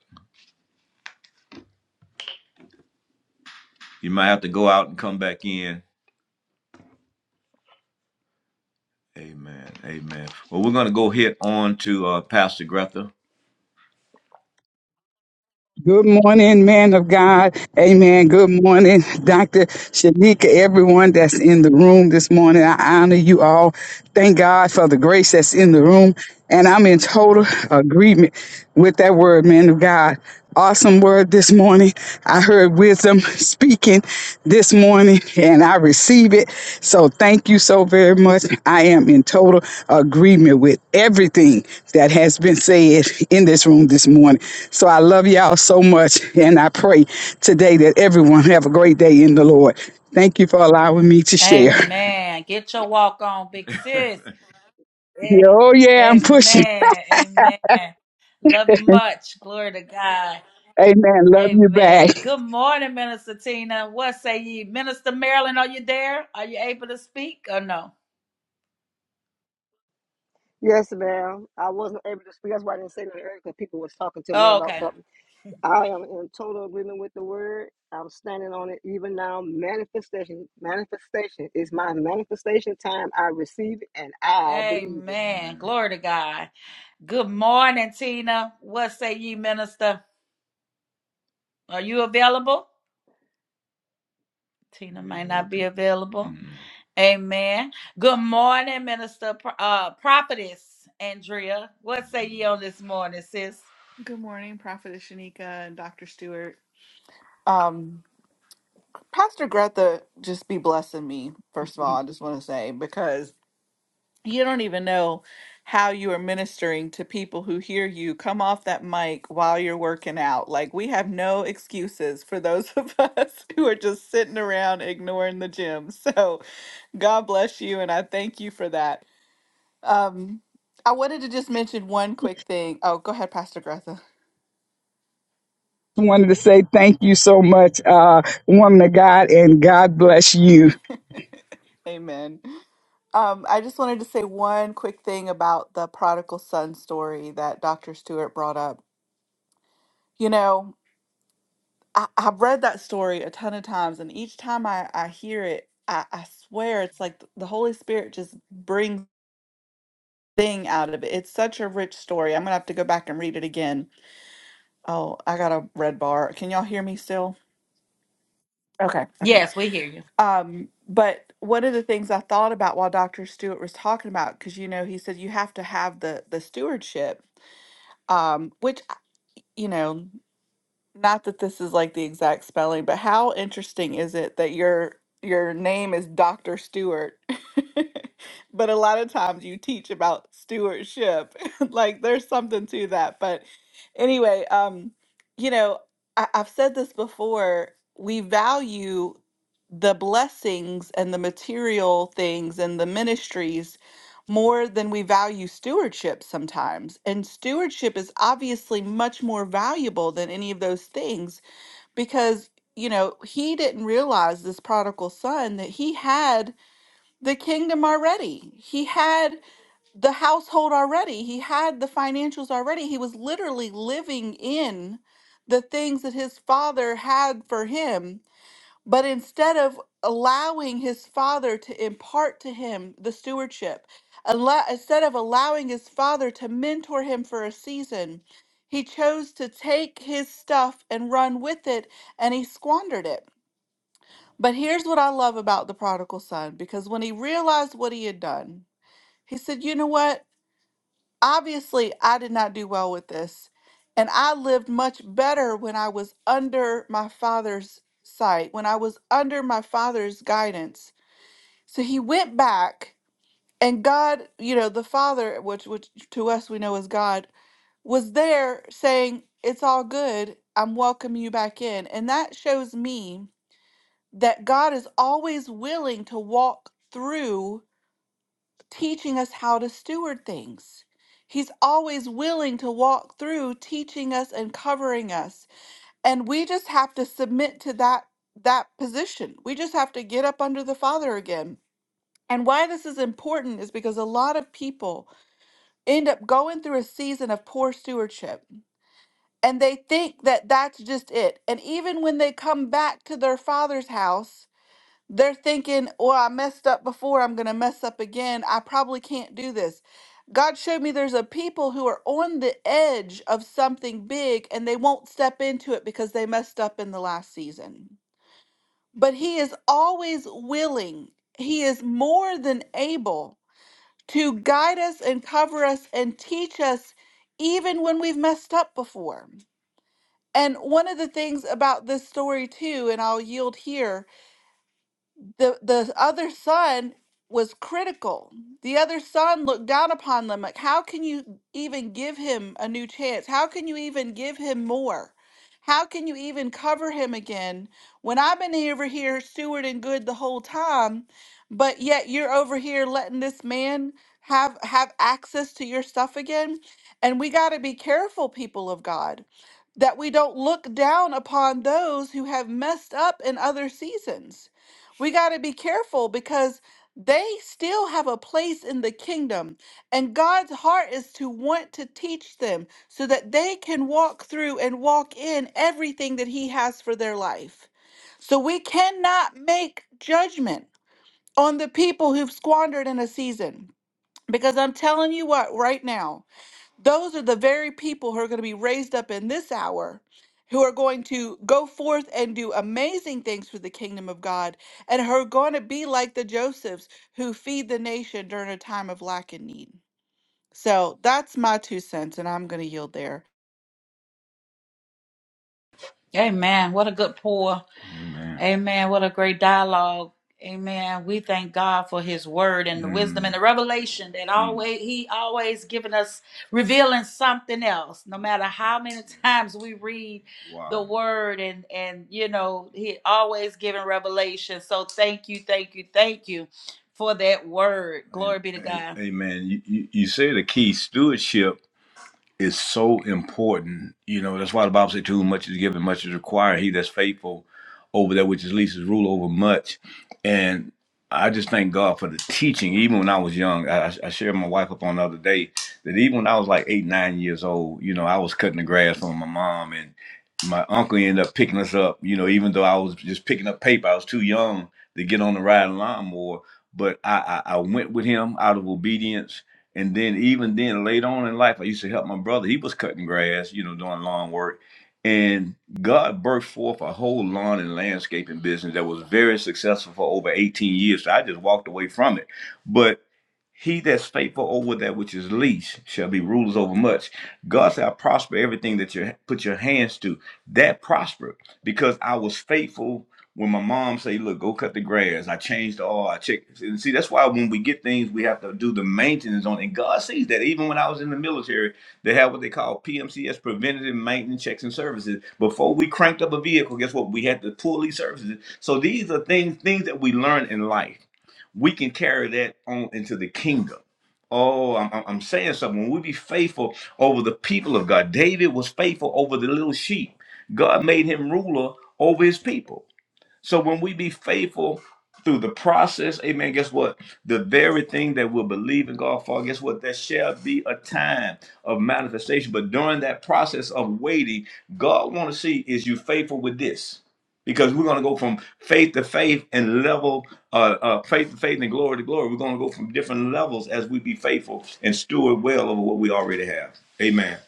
Speaker 3: You might have to go out and come back in. Amen. Amen. Well, we're going to go hit on to uh, Pastor Greta.
Speaker 2: Good morning, man of God. Amen. Good morning, Dr. Shanika, everyone that's in the room this morning. I honor you all. Thank God for the grace that's in the room. And I'm in total agreement with that word, man of God. Awesome word this morning. I heard wisdom speaking this morning and I receive it. So thank you so very much. I am in total agreement with everything that has been said in this room this morning. So I love y'all so much and I pray today that everyone have a great day in the Lord. Thank you for allowing me to share.
Speaker 3: Amen. Amen. Get your walk on, big sis. Eh,
Speaker 2: Oh yeah, I'm pushing.
Speaker 3: Amen. Amen. Love you much. Glory to God.
Speaker 2: Amen. Love you back.
Speaker 3: Amen. Good morning, Minister Tina. What say ye? Minister Marilyn, are you there? Are you able to speak or no?
Speaker 4: Yes, ma'am. I wasn't able to speak. That's why I didn't say nothing earlier because people was talking to me
Speaker 3: Oh,
Speaker 4: about
Speaker 3: okay.
Speaker 4: something. I am in total agreement with the word. I'm standing on it even now. Manifestation, manifestation is my manifestation time. I receive it and I
Speaker 3: Amen.
Speaker 4: believe it.
Speaker 3: Amen. Glory to God. Good morning, Tina. What say ye, Minister? Are you available? Tina may not be available. Mm. Amen. Good morning, Minister Pro- uh Prophetess Andrea. What say ye on this morning, sis?
Speaker 5: Good morning, Prophetess Shanika and Dr. Stewart. Um, Pastor Greta just be blessing me, first of all, I just want to say, because you don't even know how you are ministering to people who hear you come off that mic while you're working out. Like, we have no excuses for those of us who are just sitting around ignoring the gym. So, God bless you, and I thank you for that. Um, I wanted to just mention one quick thing. Oh, go ahead, Pastor Greta.
Speaker 2: wanted to say thank you so much, uh, woman of God, and God bless you.
Speaker 5: Amen. Um, I just wanted to say one quick thing about the prodigal son story that Dr. Stewart brought up. You know, I, I've read that story a ton of times, and each time I, I hear it, I, I swear it's like th- the Holy Spirit just brings thing out of it. It's such a rich story. I'm gonna have to go back and read it again. Oh, I got a red bar. Can y'all hear me still? Okay, okay.
Speaker 3: Yes, we hear you.
Speaker 5: Um, but one of the things I thought about while Dr. Stewart was talking about, because you know, he said you have to have the the stewardship um, which you know, not that this is like the exact spelling, but how interesting is it that your your name is Dr. Stewart, but a lot of times you teach about stewardship. like there's something to that. But anyway, um, you know, I, I've said this before, we value the blessings and the material things and the ministries more than we value stewardship sometimes. And stewardship is obviously much more valuable than any of those things because, you know, he didn't realize this prodigal son that he had the kingdom already. He had the household already. He had the financials already. He was literally living in the things that his father had for him but instead of allowing his father to impart to him the stewardship, alla- instead of allowing his father to mentor him for a season, he chose to take his stuff and run with it and he squandered it. But here's what I love about the prodigal son because when he realized what he had done, he said, You know what? obviously I did not do well with this. And I lived much better when I was under my father's sight, when I was under my father's guidance. So he went back and God, you know, the father, which which to us we know is God, was there saying, It's all good. I'm welcoming you back in. And that shows me that God is always willing to walk through teaching us how to steward things. He's always willing to walk through teaching us and covering us. And we just have to submit to that that position. We just have to get up under the Father again. And why this is important is because a lot of people end up going through a season of poor stewardship and they think that that's just it. And even when they come back to their father's house, they're thinking, well, I messed up before, I'm going to mess up again. I probably can't do this. God showed me there's a people who are on the edge of something big and they won't step into it because they messed up in the last season. But He is always willing, He is more than able to guide us and cover us and teach us even when we've messed up before. And one of the things about this story, too, and I'll yield here the the other son was critical. The other son looked down upon them like how can you even give him a new chance? How can you even give him more? How can you even cover him again when I've been over here steward and good the whole time, but yet you're over here letting this man have have access to your stuff again? And we got to be careful people of God that we don't look down upon those who have messed up in other seasons we got to be careful because they still have a place in the kingdom. And God's heart is to want to teach them so that they can walk through and walk in everything that He has for their life. So we cannot make judgment on the people who've squandered in a season. Because I'm telling you what, right now, those are the very people who are going to be raised up in this hour, who are going to go forth and do amazing things for the kingdom of God, and who are going to be like the Josephs who feed the nation during a time of lack and need. So that's my two cents, and I'm going to yield there.
Speaker 3: Amen. What a good pour. Amen. Amen. What a great dialogue. Amen. We thank God for his word and the wisdom and Mm, the revelation that mm, always he always giving us revealing something else. No matter how many times we read the wow. word and and you know, he always giving revelation. So thank you, thank you, thank you for that word. Glory be to Amen. God. Amen. You, you, you say the key stewardship is so important. You know, that's why the Bible says, "To whom much is given, much is required." He that's faithful over that which is least is rule over much. And I just thank God for the teaching. Even when I was young, I, I shared with my wife up on the other day that even when I was like eight, nine years old, you know, I was cutting the grass for my mom, and my uncle ended up picking us up. You know, even though I was just picking up paper, I was too young to get on the riding lawnmower. But I, I, I went with him out of obedience and then even then, later on in life, I used to help my brother. He was cutting grass, you know, doing lawn work. And God birthed forth a whole lawn and landscaping business that was very successful for over 18 years. So I just walked away from it. but. He that's faithful over that which is least shall be rulers over much. God said, I prosper everything that you put your hands to. That prospered because I was faithful when my mom say, look, go cut the grass. I changed the oil. I checked. And see, that's why when we get things, we have to do the maintenance on it. And God sees that. Even when I was in the military, they have what they call PMCS, preventative maintenance checks and services. Before we cranked up a vehicle, guess what? We had to pull these services. So these are things, things that we learn in life we can carry that on into the kingdom. Oh, I'm, I'm I'm saying something. When we be faithful over the people of God, David was faithful over the little sheep. God made him ruler over his people. So when we be faithful through the process, amen, guess what? The very thing that we'll believe in God for, guess what? There shall be a time of manifestation. But during that process of waiting, God want to see is you faithful with this. Because we're going to go from faith to faith and level, uh, uh, faith to faith and glory to glory. We're going to go from different levels as we be faithful and steward well over what we already have. Amen.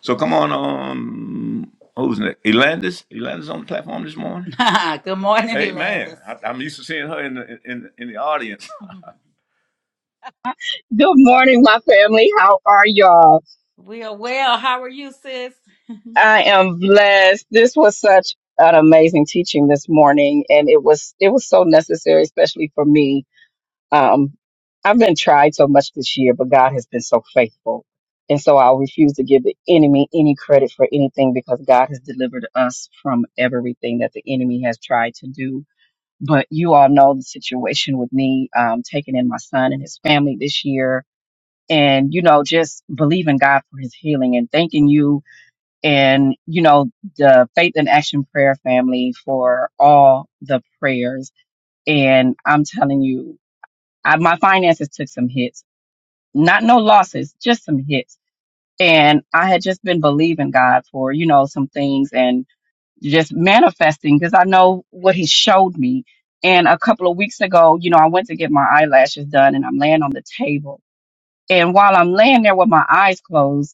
Speaker 3: So come on, um, who's next? Elandis? Elandis on the platform this morning? Good morning, Hey man, Elandis. I, I'm used to seeing her in the in, in the audience.
Speaker 6: Good morning, my family. How are y'all?
Speaker 3: We are well. How are you, sis?
Speaker 6: I am blessed. This was such an amazing teaching this morning, and it was it was so necessary, especially for me. Um, I've been tried so much this year, but God has been so faithful, and so I refuse to give the enemy any credit for anything because God has delivered us from everything that the enemy has tried to do. But you all know the situation with me um, taking in my son and his family this year and you know just believing god for his healing and thanking you and you know the faith in action prayer family for all the prayers and i'm telling you I, my finances took some hits not no losses just some hits and i had just been believing god for you know some things and just manifesting because i know what he showed me and a couple of weeks ago you know i went to get my eyelashes done and i'm laying on the table and while I'm laying there with my eyes closed,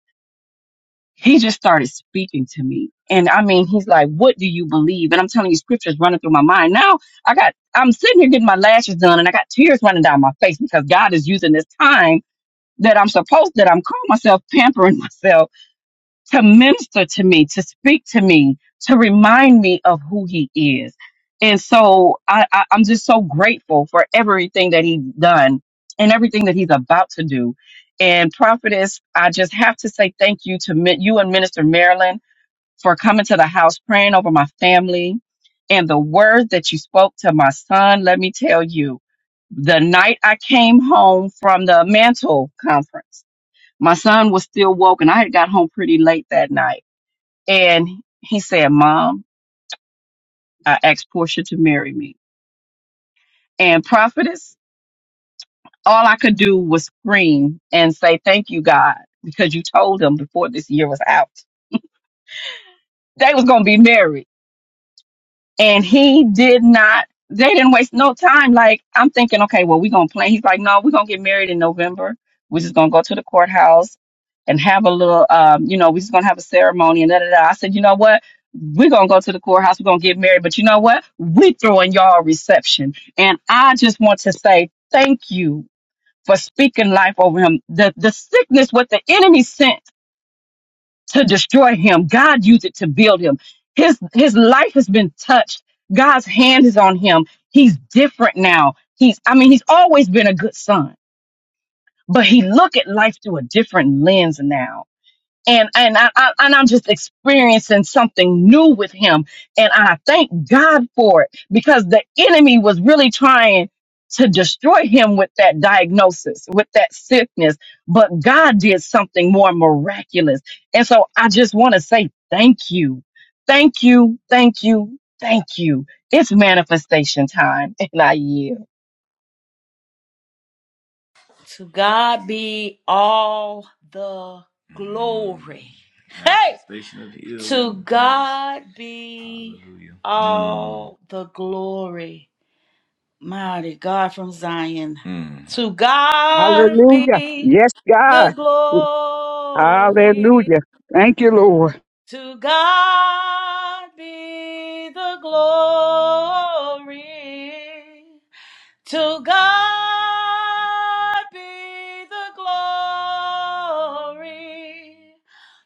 Speaker 6: he just started speaking to me. And I mean, he's like, What do you believe? And I'm telling you, scriptures running through my mind. Now I got, I'm sitting here getting my lashes done and I got tears running down my face because God is using this time that I'm supposed, that I'm calling myself pampering myself to minister to me, to speak to me, to remind me of who he is. And so I, I, I'm just so grateful for everything that he's done and everything that he's about to do. And prophetess, I just have to say thank you to Mi- you and Minister Marilyn for coming to the house, praying over my family. And the word that you spoke to my son, let me tell you, the night I came home from the mantle conference, my son was still woke and I had got home pretty late that night. And he said, Mom, I asked Portia to marry me. And prophetess, all I could do was scream and say, Thank you, God, because you told them before this year was out. They was gonna be married. and he did not they didn't waste no time like i'm thinking okay well we're gonna plan he's like no we're gonna get married in november we're just gonna go to the courthouse and have a little um you know we're just gonna have a ceremony and da da da i said you know what we're gonna go to the courthouse we're gonna get married but you know what we throwing y'all a reception and i just want to say thank you for speaking life over him the the sickness what the enemy sent to destroy him. God used it to build him. His his life has been touched. God's hand is on him. He's different now. He's I mean, he's always been a good son, but he look at life through a different lens now and and I, I and I'm just experiencing something new with him, and I thank God for it because the enemy was really trying to destroy him with that diagnosis, with that sickness, but God did something more miraculous, and so I just want to say thank you, thank you, thank you, thank you. It's manifestation time, and I yield.
Speaker 3: To God be all the Mm, glory. Hey! manifestation of To healing, yes. God be Hallelujah. Mm, all the glory. Mighty God from Zion. mm. To God
Speaker 2: Hallelujah.
Speaker 3: be
Speaker 2: Yes,
Speaker 3: the
Speaker 2: God.
Speaker 3: glory.
Speaker 2: Hallelujah. Thank you, Lord.
Speaker 3: To God be the glory. To God be the glory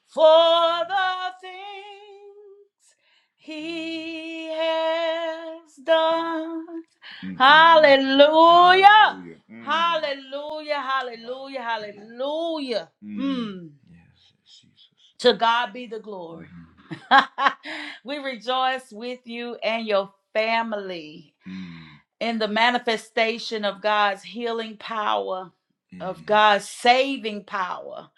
Speaker 3: for the things he has done. Mm, mm, mm. Hallelujah. Hallelujah. Mm. Hallelujah. Hallelujah. Hallelujah. Mm. Mm. Yes, Jesus. To God be the glory. hmm we rejoice with you and your family. Mm in the manifestation of God's healing power, Mm. of God's saving power.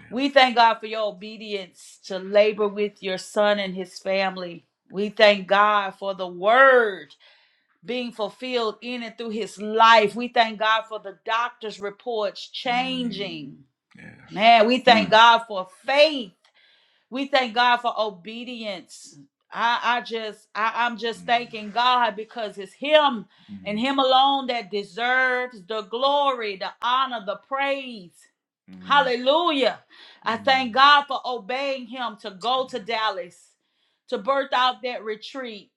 Speaker 3: Yeah. We thank God for your obedience to labor with your son and his family. We thank God for the word being fulfilled in and through his life. We thank God for the doctor's reports Yeah. Mm. changing. Yes. Man, we thank Mm. God for faith we thank God for obedience. I, I just, I, I'm just thanking God because it's Him and Him alone that deserves the glory, the honor, the praise. Hallelujah. I thank God for obeying Him to go to Dallas, to birth out that retreat,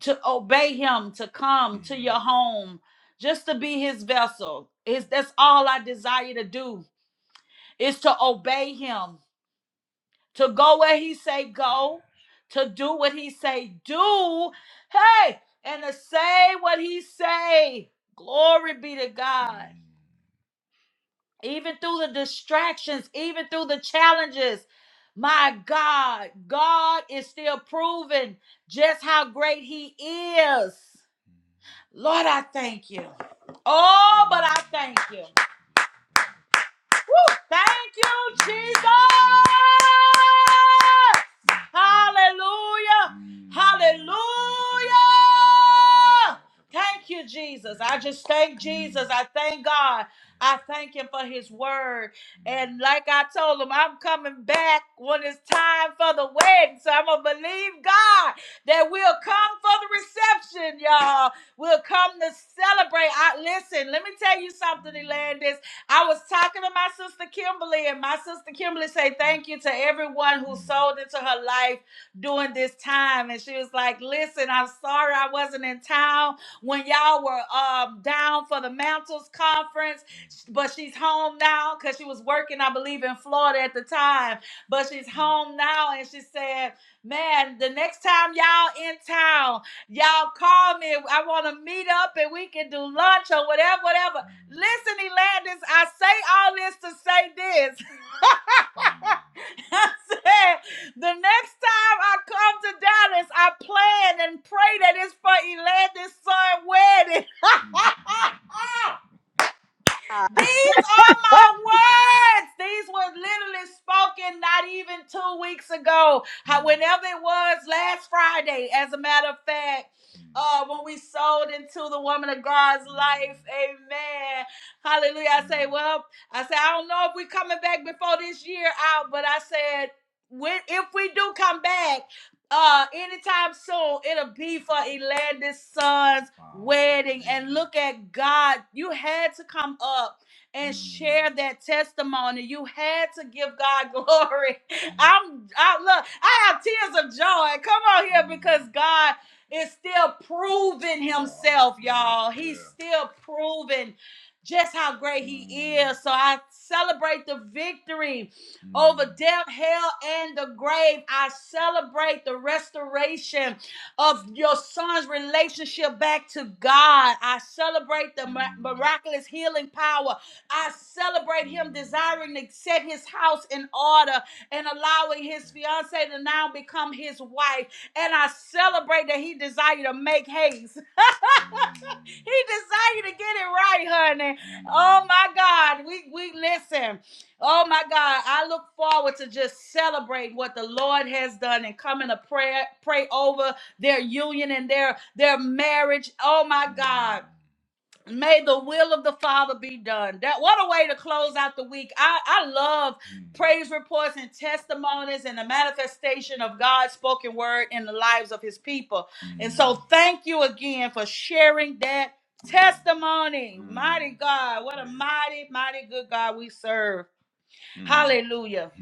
Speaker 3: to obey Him to come to your home, just to be His vessel. Is that's all I desire to do is to obey Him to go where he say go, to do what he say do, hey, and to say what he say. Glory be to God. Even through the distractions, even through the challenges, my God, God is still proving just how great he is. Lord, I thank you. Oh, but I thank you. Woo. Thank you, Jesus. Hallelujah. Hallelujah. Thank you, Jesus. I just thank Jesus. I thank God. I thank Him for His word. And like I told Him, I'm coming back when it's time for the wedding. So I'm going to believe God that we'll come for the reception, y'all. We'll come to celebrate. I Listen, let me tell you something, Elandis. I was talking to my sister Kimberly, and my sister Kimberly said, Thank you to everyone who sold into her life during this time. And she was like, Listen, I'm sorry I wasn't in town when y'all were um, down for the Mantles conference, but she's home now because she was working, I believe, in Florida at the time. But she's home now, and she said, Man, the next time y'all in town, Y'all call me. I want to meet up and we can do lunch or whatever, whatever. Listen, Elandis, I say all this to say this. I said, the next time I come to Dallas, I plan and pray that it's for Elandis' son' wedding. These are my words. These were literally spoken not even two weeks ago. How, whenever it was last Friday, as a matter of fact, uh, when we sold into the woman of God's life, amen. Hallelujah. I say, well, I said, I don't know if we're coming back before this year out, but I said, when, if we do come back uh anytime soon, it'll be for Elandis' son's wedding. And look at God, you had to come up and share that testimony. You had to give God glory. I'm I look, I have tears of joy. Come on here because God is still proving himself, y'all. He's still proving just how great he is. So I celebrate the victory over death, hell, and the grave. I celebrate the restoration of your son's relationship back to God. I celebrate the mi- miraculous healing power I celebrate him desiring to set his house in order and allowing his fiancee to now become his wife. And I celebrate that he desired to make haste. he desired to get it right, honey. Oh my God. We we listen. Oh my God. I look forward to just celebrate what the Lord has done and coming to prayer, pray over their union and their their marriage. Oh my God. May the will of the Father be done. That what a way to close out the week. I, I love Mm. praise reports and testimonies and the manifestation of God's spoken word in the lives of his people. And so Mm. thank you again for sharing that testimony. Mm. Mighty God, what a mighty, mighty good God we serve. Mm. Hallelujah.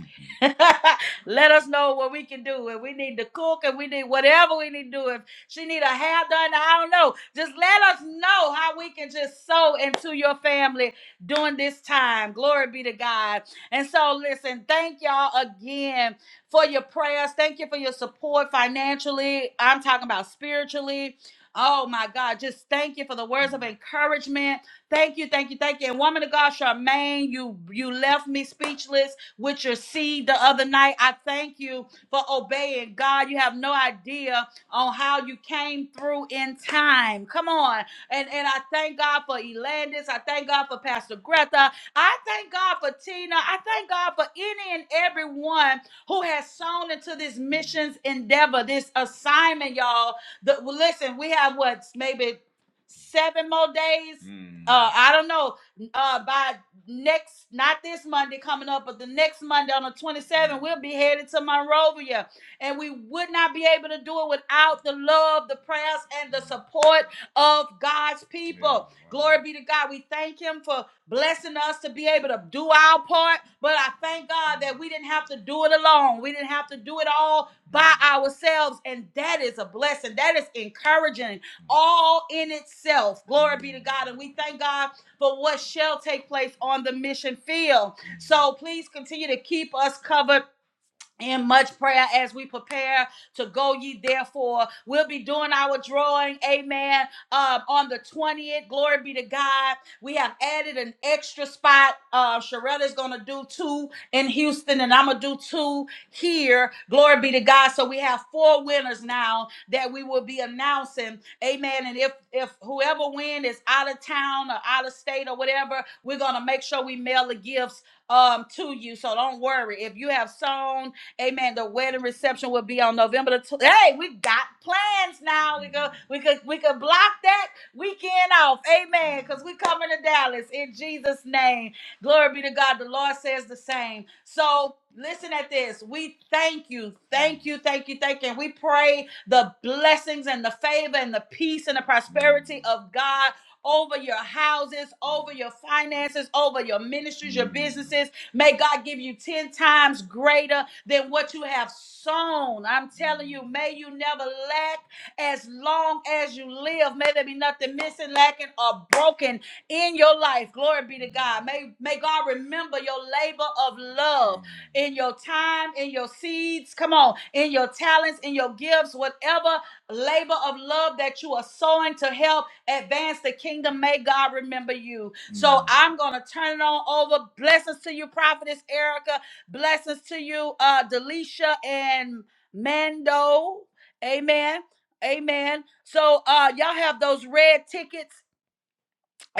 Speaker 3: Let us know what we can do. If we need to cook, if we need whatever we need to do, if she need a hair done, I don't know. Just let us know how we can just sow into your family during this time. Glory be to God. And so listen, thank y'all again for your prayers. Thank you for your support financially. I'm talking about spiritually. Oh my God, just thank you for the words of encouragement. Thank you, thank you, thank you. And woman of God, Charmaine, you you left me speechless with your seed the other night. I thank you for obeying God. You have no idea on how you came through in time. Come on. And, and I thank God for Elandis. I thank God for Pastor Greta. I thank God for Tina. I thank God for any and everyone who has sown into this missions endeavor, this assignment, y'all. The, well, listen, we have what, maybe seven more days? Mm. Uh, I don't know. Uh, by next, not this Monday coming up, but the next Monday on the 27th, we'll be headed to Monrovia. And we would not be able to do it without the love, the prayers, and the support of God's people. Amen. Glory be to God. We thank Him for blessing us to be able to do our part. But I thank God that we didn't have to do it alone. We didn't have to do it all by ourselves. And that is a blessing. That is encouraging all in itself. Glory be to God. And we thank God but what shall take place on the mission field. So please continue to keep us covered and much prayer as we prepare to go ye therefore we'll be doing our drawing amen um, on the 20th glory be to god we have added an extra spot uh is gonna do two in houston and i'm gonna do two here glory be to god so we have four winners now that we will be announcing amen and if if whoever wins is out of town or out of state or whatever we're gonna make sure we mail the gifts um to you so don't worry if you have sown Amen. The wedding reception will be on November the tw- Hey, we got plans now. We go we could we could block that weekend off. Amen. Because we coming to Dallas in Jesus' name. Glory be to God. The Lord says the same. So listen at this. We thank you. Thank you. Thank you. Thank you. And we pray the blessings and the favor and the peace and the prosperity of God over your houses, over your finances, over your ministries, your businesses. May God give you 10 times greater than what you have sown. I'm telling you, may you never lack as long as you live. May there be nothing missing, lacking, or broken in your life. Glory be to God. May, may God remember your labor of love in your time, in your seeds, come on, in your talents, in your gifts, whatever labor of love that you are sowing to help advance the kingdom. May God remember you. So I'm going to turn it on over. Blessings to you, Prophetess Erica. Blessings to you, uh, Delisha and Mando. Amen. Amen. So uh y'all have those red tickets.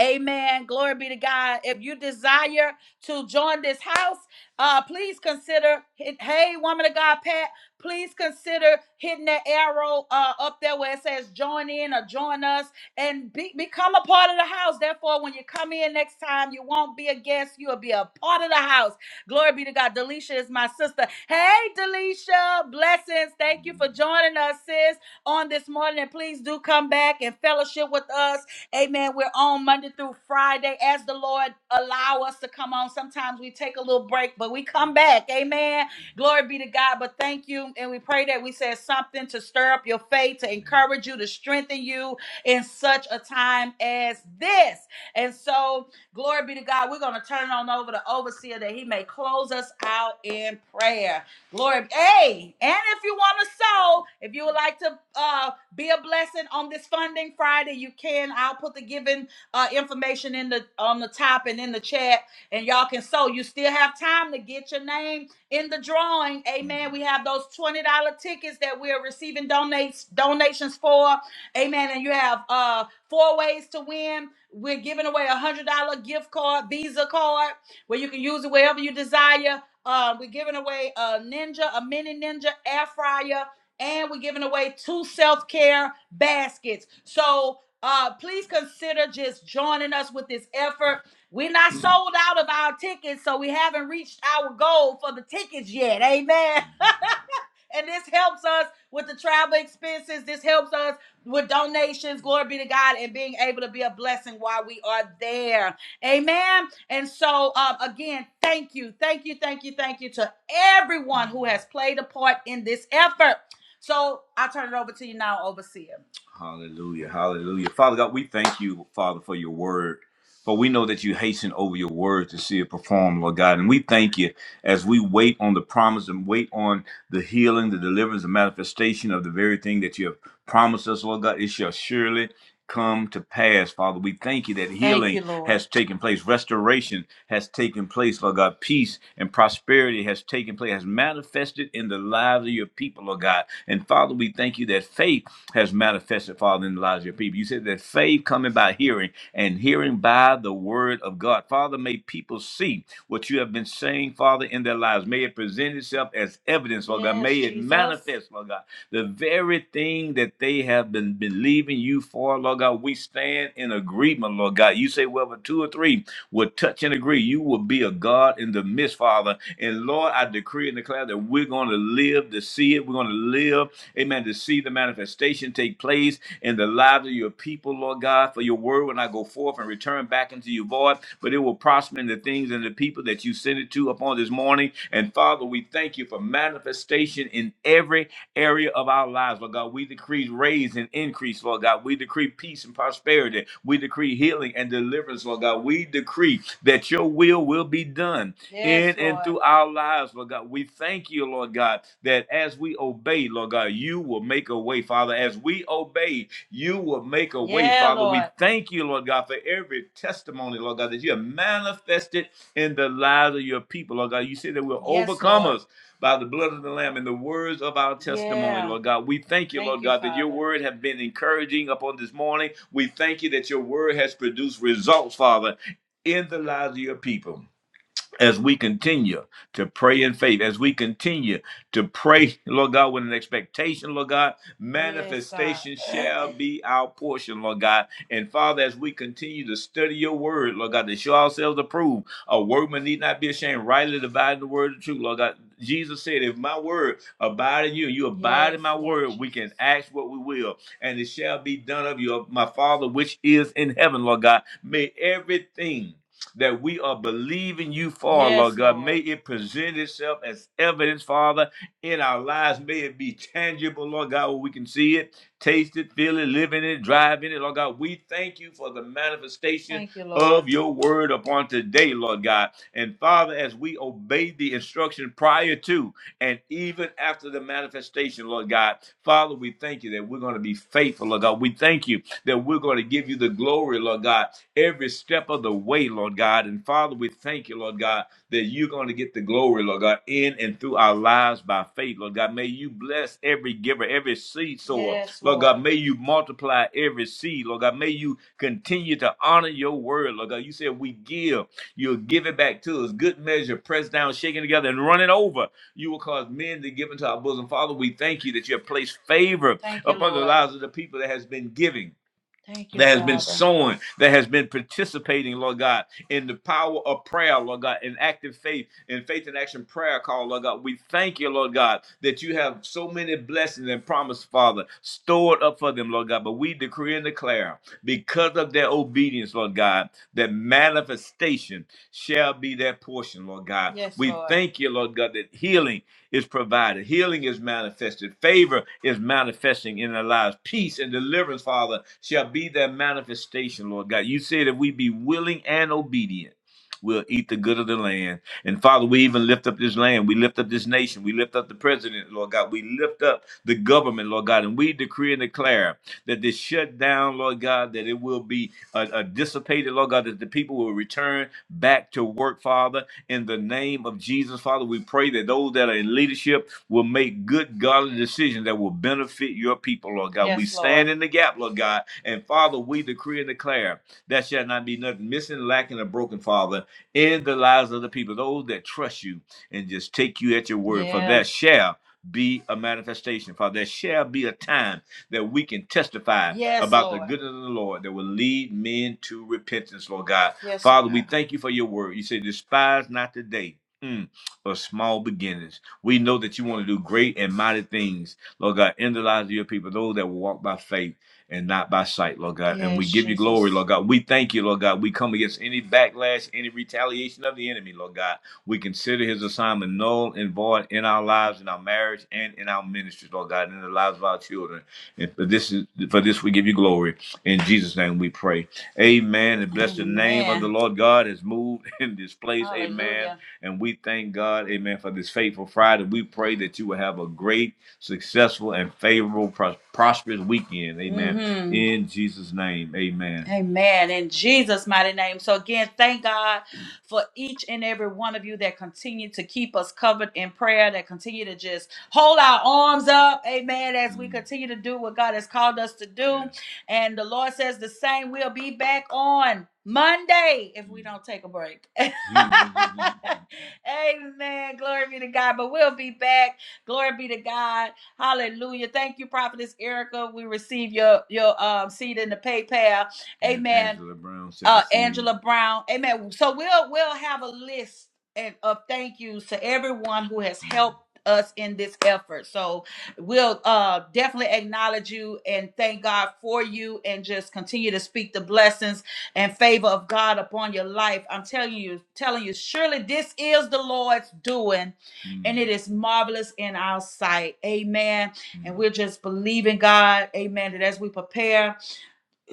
Speaker 3: Amen. Glory be to God. If you desire to join this house, uh, please consider. hit- Hey, woman of God, Pat, please consider hitting that arrow uh, up there where it says join in or join us and be, become a part of the house. Therefore, when you come in next time, you won't be a guest, you'll be a part of the house. Glory be to God. Delisha is my sister. Hey, Delisha, blessings. Thank you for joining us, sis, on this morning. And please do come back and fellowship with us Amen. We're on Monday through Friday as the Lord allow us to come on. Sometimes we take a little break, but we come back. Amen. Glory be to God. But thank you. And we pray that we said something to stir up your faith, to encourage you, to strengthen you in such a time as this. And so, glory be to God. We're going to turn it on over to Overseer that he may close us out in prayer. Glory. Hey, and if you want to sow, if you would like to uh be a blessing on this funding Friday. You can. I'll put the giving uh, information in the on the top and in the chat, and y'all can sow. You still have time to get your name in the drawing. Amen. We have those twenty dollar tickets that we are receiving donates donations for. Amen. And you have uh four ways to win. We're giving away a hundred dollar gift card, Visa card, where you can use it wherever you desire. Uh, we're giving away a ninja, a mini ninja air fryer and we're giving away two self-care baskets. So uh please consider just joining us with this effort. We're not sold out of our tickets, so we haven't reached our goal for the tickets yet. Amen. And this helps us with the travel expenses. This helps us with donations. Glory be to God and being able to be a blessing while we are there. Amen. And so, um, again, thank you, thank you, thank you, thank you to everyone who has played a part in this effort. So I'll turn it over to you now, Overseer. Hallelujah. Hallelujah. Father God, we thank you, Father, for your word. For we know that you hasten over your word to see it perform, Lord God. And we thank you as we wait on the promise and wait on the healing, the deliverance, the manifestation of the very thing that you have promised us, Lord God. It shall surely come to pass, Father. We thank you that Thank healing you, Lord. has taken place, restoration has taken place, Lord God. Peace and prosperity has taken place, has manifested in the lives of your people, Lord God. And Father, we thank you that faith has manifested, Father, in the lives of your people. You said that faith coming by hearing and hearing by the word of God. Father, may people see what you have been saying, Father, in their lives. May it present itself as evidence, Lord God. Yes, May it Jesus. manifest, Lord God. The very thing that they have been believing you for, Lord God, we stand in agreement, Lord God. You say, whether two or three would touch and agree, you will be a God in the midst, Father. And Lord, I decree and declare that we're going to live to see it. We're going to live, amen, to see the manifestation take place in the lives of your people, Lord God, for your word will not go forth and return back into you void, but it will prosper in the things and the people that you send it to upon this morning. And Father, we thank you for manifestation in every area of our lives, Lord God. We decree raise and increase, Lord God. We decree peace and prosperity. We decree healing and deliverance, Lord God. We decree that your will will be done Yes, in and Lord. through our lives, Lord God. We thank you, Lord God, that as we obey, Lord God, you will make a way, Father. As we obey, you will make a way, Yeah, Father. We Lord. thank you, Lord God, for every testimony, Lord God, that you have manifested in the lives of your people, Lord God. You say that we're Yes, Lord. overcomers by the blood of the Lamb and the words of our testimony, Yeah. Lord God. We thank you, Thank Lord you, God, that your Father. word have been encouraging upon this morning. We thank you that your word has produced results, Father, in the lives of your people as we continue to pray in faith, as we continue to pray, Lord God, with an expectation, Lord God, Yes, God. manifestation shall be our portion, Lord God. And Father, as we continue to study your word, Lord God, to show ourselves approved, a workman need not be ashamed, rightly dividing the word of truth, Lord God. Jesus said, If my word abide in you, you abide in Yes, my Lord word, we can Jesus. ask what we will, and it shall be done of you, of my Father which is in heaven, Lord God. May everything that we are believing you for, Yes, Lord Yes, God. Lord. May it present itself as evidence, Father, in our lives. May it be tangible, Lord God, where we can see it, taste it, feel it, live in it, drive in it, Lord God. We thank you for the manifestation Thank you, Lord. of your word upon today, Lord God. And Father, as we obey the instruction prior to and even after the manifestation, Lord God, Father, we thank you that we're going to be faithful, Lord God. We thank you that we're going to give you the glory, Lord God every step of the way, Lord God. And Father, we thank you, Lord God, that you're going to get the glory, Lord God, in and through our lives by faith, Lord God. May you bless every giver, every seed sower, Yes, Lord Lord. God. May you multiply every seed, Lord God. May you continue to honor your word, Lord God. You said we give, you'll give it back to us. Good measure, pressed down, shaken together, and running over. You will cause men to give into our bosom. Father, we thank you that you have placed favor Thank you, upon the Lord. lives of the people that has been giving. Thank you, that has been Father. sowing, that has been participating, Lord God, in the power of prayer, Lord God, in active faith, in faith and action prayer call, Lord God. We thank you, Lord God, that you have so many blessings and promise, Father, stored up for them, Lord God. But we decree and declare, because of their obedience, Lord God, that manifestation shall be their portion, Lord God. Yes, We Lord. thank you, Lord God, that healing is provided. Healing is manifested. Favor is manifesting in their lives. Peace and deliverance, Father, shall be their manifestation, Lord God. You said if we be willing and obedient, we'll eat the good of the land. And Father, we even lift up this land. We lift up this nation. We lift up the president, Lord God. We lift up the government, Lord God. And we decree and declare that this shutdown, Lord God, that it will be uh, uh, dissipated, Lord God, that the people will return back to work, Father in the name of Jesus. Father, we pray that those that are in leadership will make good, godly decisions that will benefit your people, Lord God. We Yes, Lord. stand Lord. in the gap, Lord God. And Father, we decree and declare that shall not be nothing missing, lacking, or broken, Father, in the lives of the people, those that trust you and just take you at your word. For Yes. that shall be a manifestation, Father. There shall be a time that we can testify Yes, about Lord. the goodness of the Lord that will lead men to repentance, Lord God. Yes, Father, God. we thank you for your word. You say, despise not the day. mm, Of small beginnings. We know that you want to do great and mighty things, Lord God, in the lives of your people, those that will walk by faith and not by sight, Lord God. And we Yes, give you glory, Jesus. Lord God. We thank you, Lord God. We come against any backlash, any retaliation of the enemy, Lord God. We consider his assignment null and void in our lives, in our marriage, and in our ministries, Lord God, and in the lives of our children. And for this is for this we give you glory. In Jesus' name we pray. Amen. And bless the name of the Amen. Lord God has moved in this place. Amen. Hallelujah. And we thank God, Amen, for this faithful Friday. We pray that you will have a great, successful, and favorable, pros- prosperous weekend. Amen. hmm In Jesus' name. Amen. Amen. In Jesus' mighty name. So, again, thank God for each and every one of you that continue to keep us covered in prayer, that continue to just hold our arms up, amen, as we continue to do what God has called us to do. Yes. And the Lord says the same. We'll be back on Monday if we don't take a break. amen. Glory be to God. But we'll be back. Glory be to God. Hallelujah. Thank you, Prophetess Erica. We receive your your um, seed in the PayPal. And Amen. And Angela Brown. Uh, Angela Brown. Amen. So we'll we'll have a list and of thank yous to everyone who has helped us in this effort. So we'll uh, definitely acknowledge you and thank God for you and just continue to speak the blessings and favor of God upon your life. I'm telling you, telling you, surely this is the Lord's doing mm. and it is marvelous in our sight. Amen. Mm. And we're just believing God, amen, that as we prepare.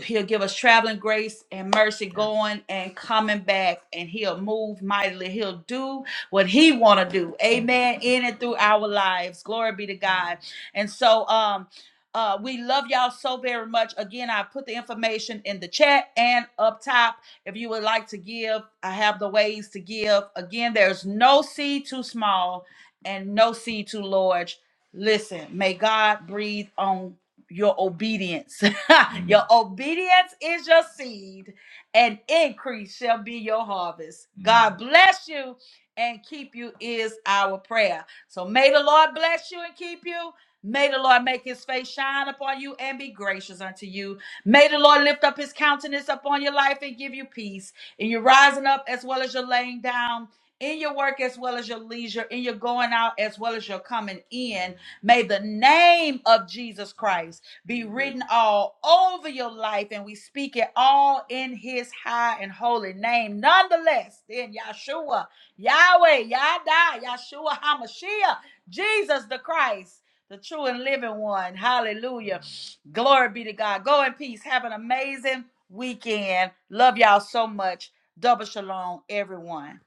Speaker 3: He'll give us traveling grace and mercy Yes. going and coming back, and he'll move mightily. He'll do what he wanna do. Amen. In and through our lives. Glory be to God. And so um uh, we love y'all so very much. Again, I put the information in the chat and up top. If you would like to give, I have the ways to give. Again, there's no seed too small and no seed too large. Listen, may God breathe on your obedience your obedience is your seed, and increase shall be your harvest. God bless you and keep you is our prayer. So may the Lord bless you and keep you. May the Lord make his face shine upon you and be gracious unto you. May the Lord lift up his countenance upon your life and give you peace. In your rising up as well as your laying down, in your work as well as your leisure, in your going out as well as your coming in, may the name of Jesus Christ be written all over your life, and we speak it all in his high and holy name. Nonetheless, then Yahshua, Yahweh, Yada, Yahshua HaMashiach, Jesus the Christ, the true and living one. Hallelujah. Glory be to God. Go in peace. Have an amazing weekend. Love y'all so much. Double shalom, everyone.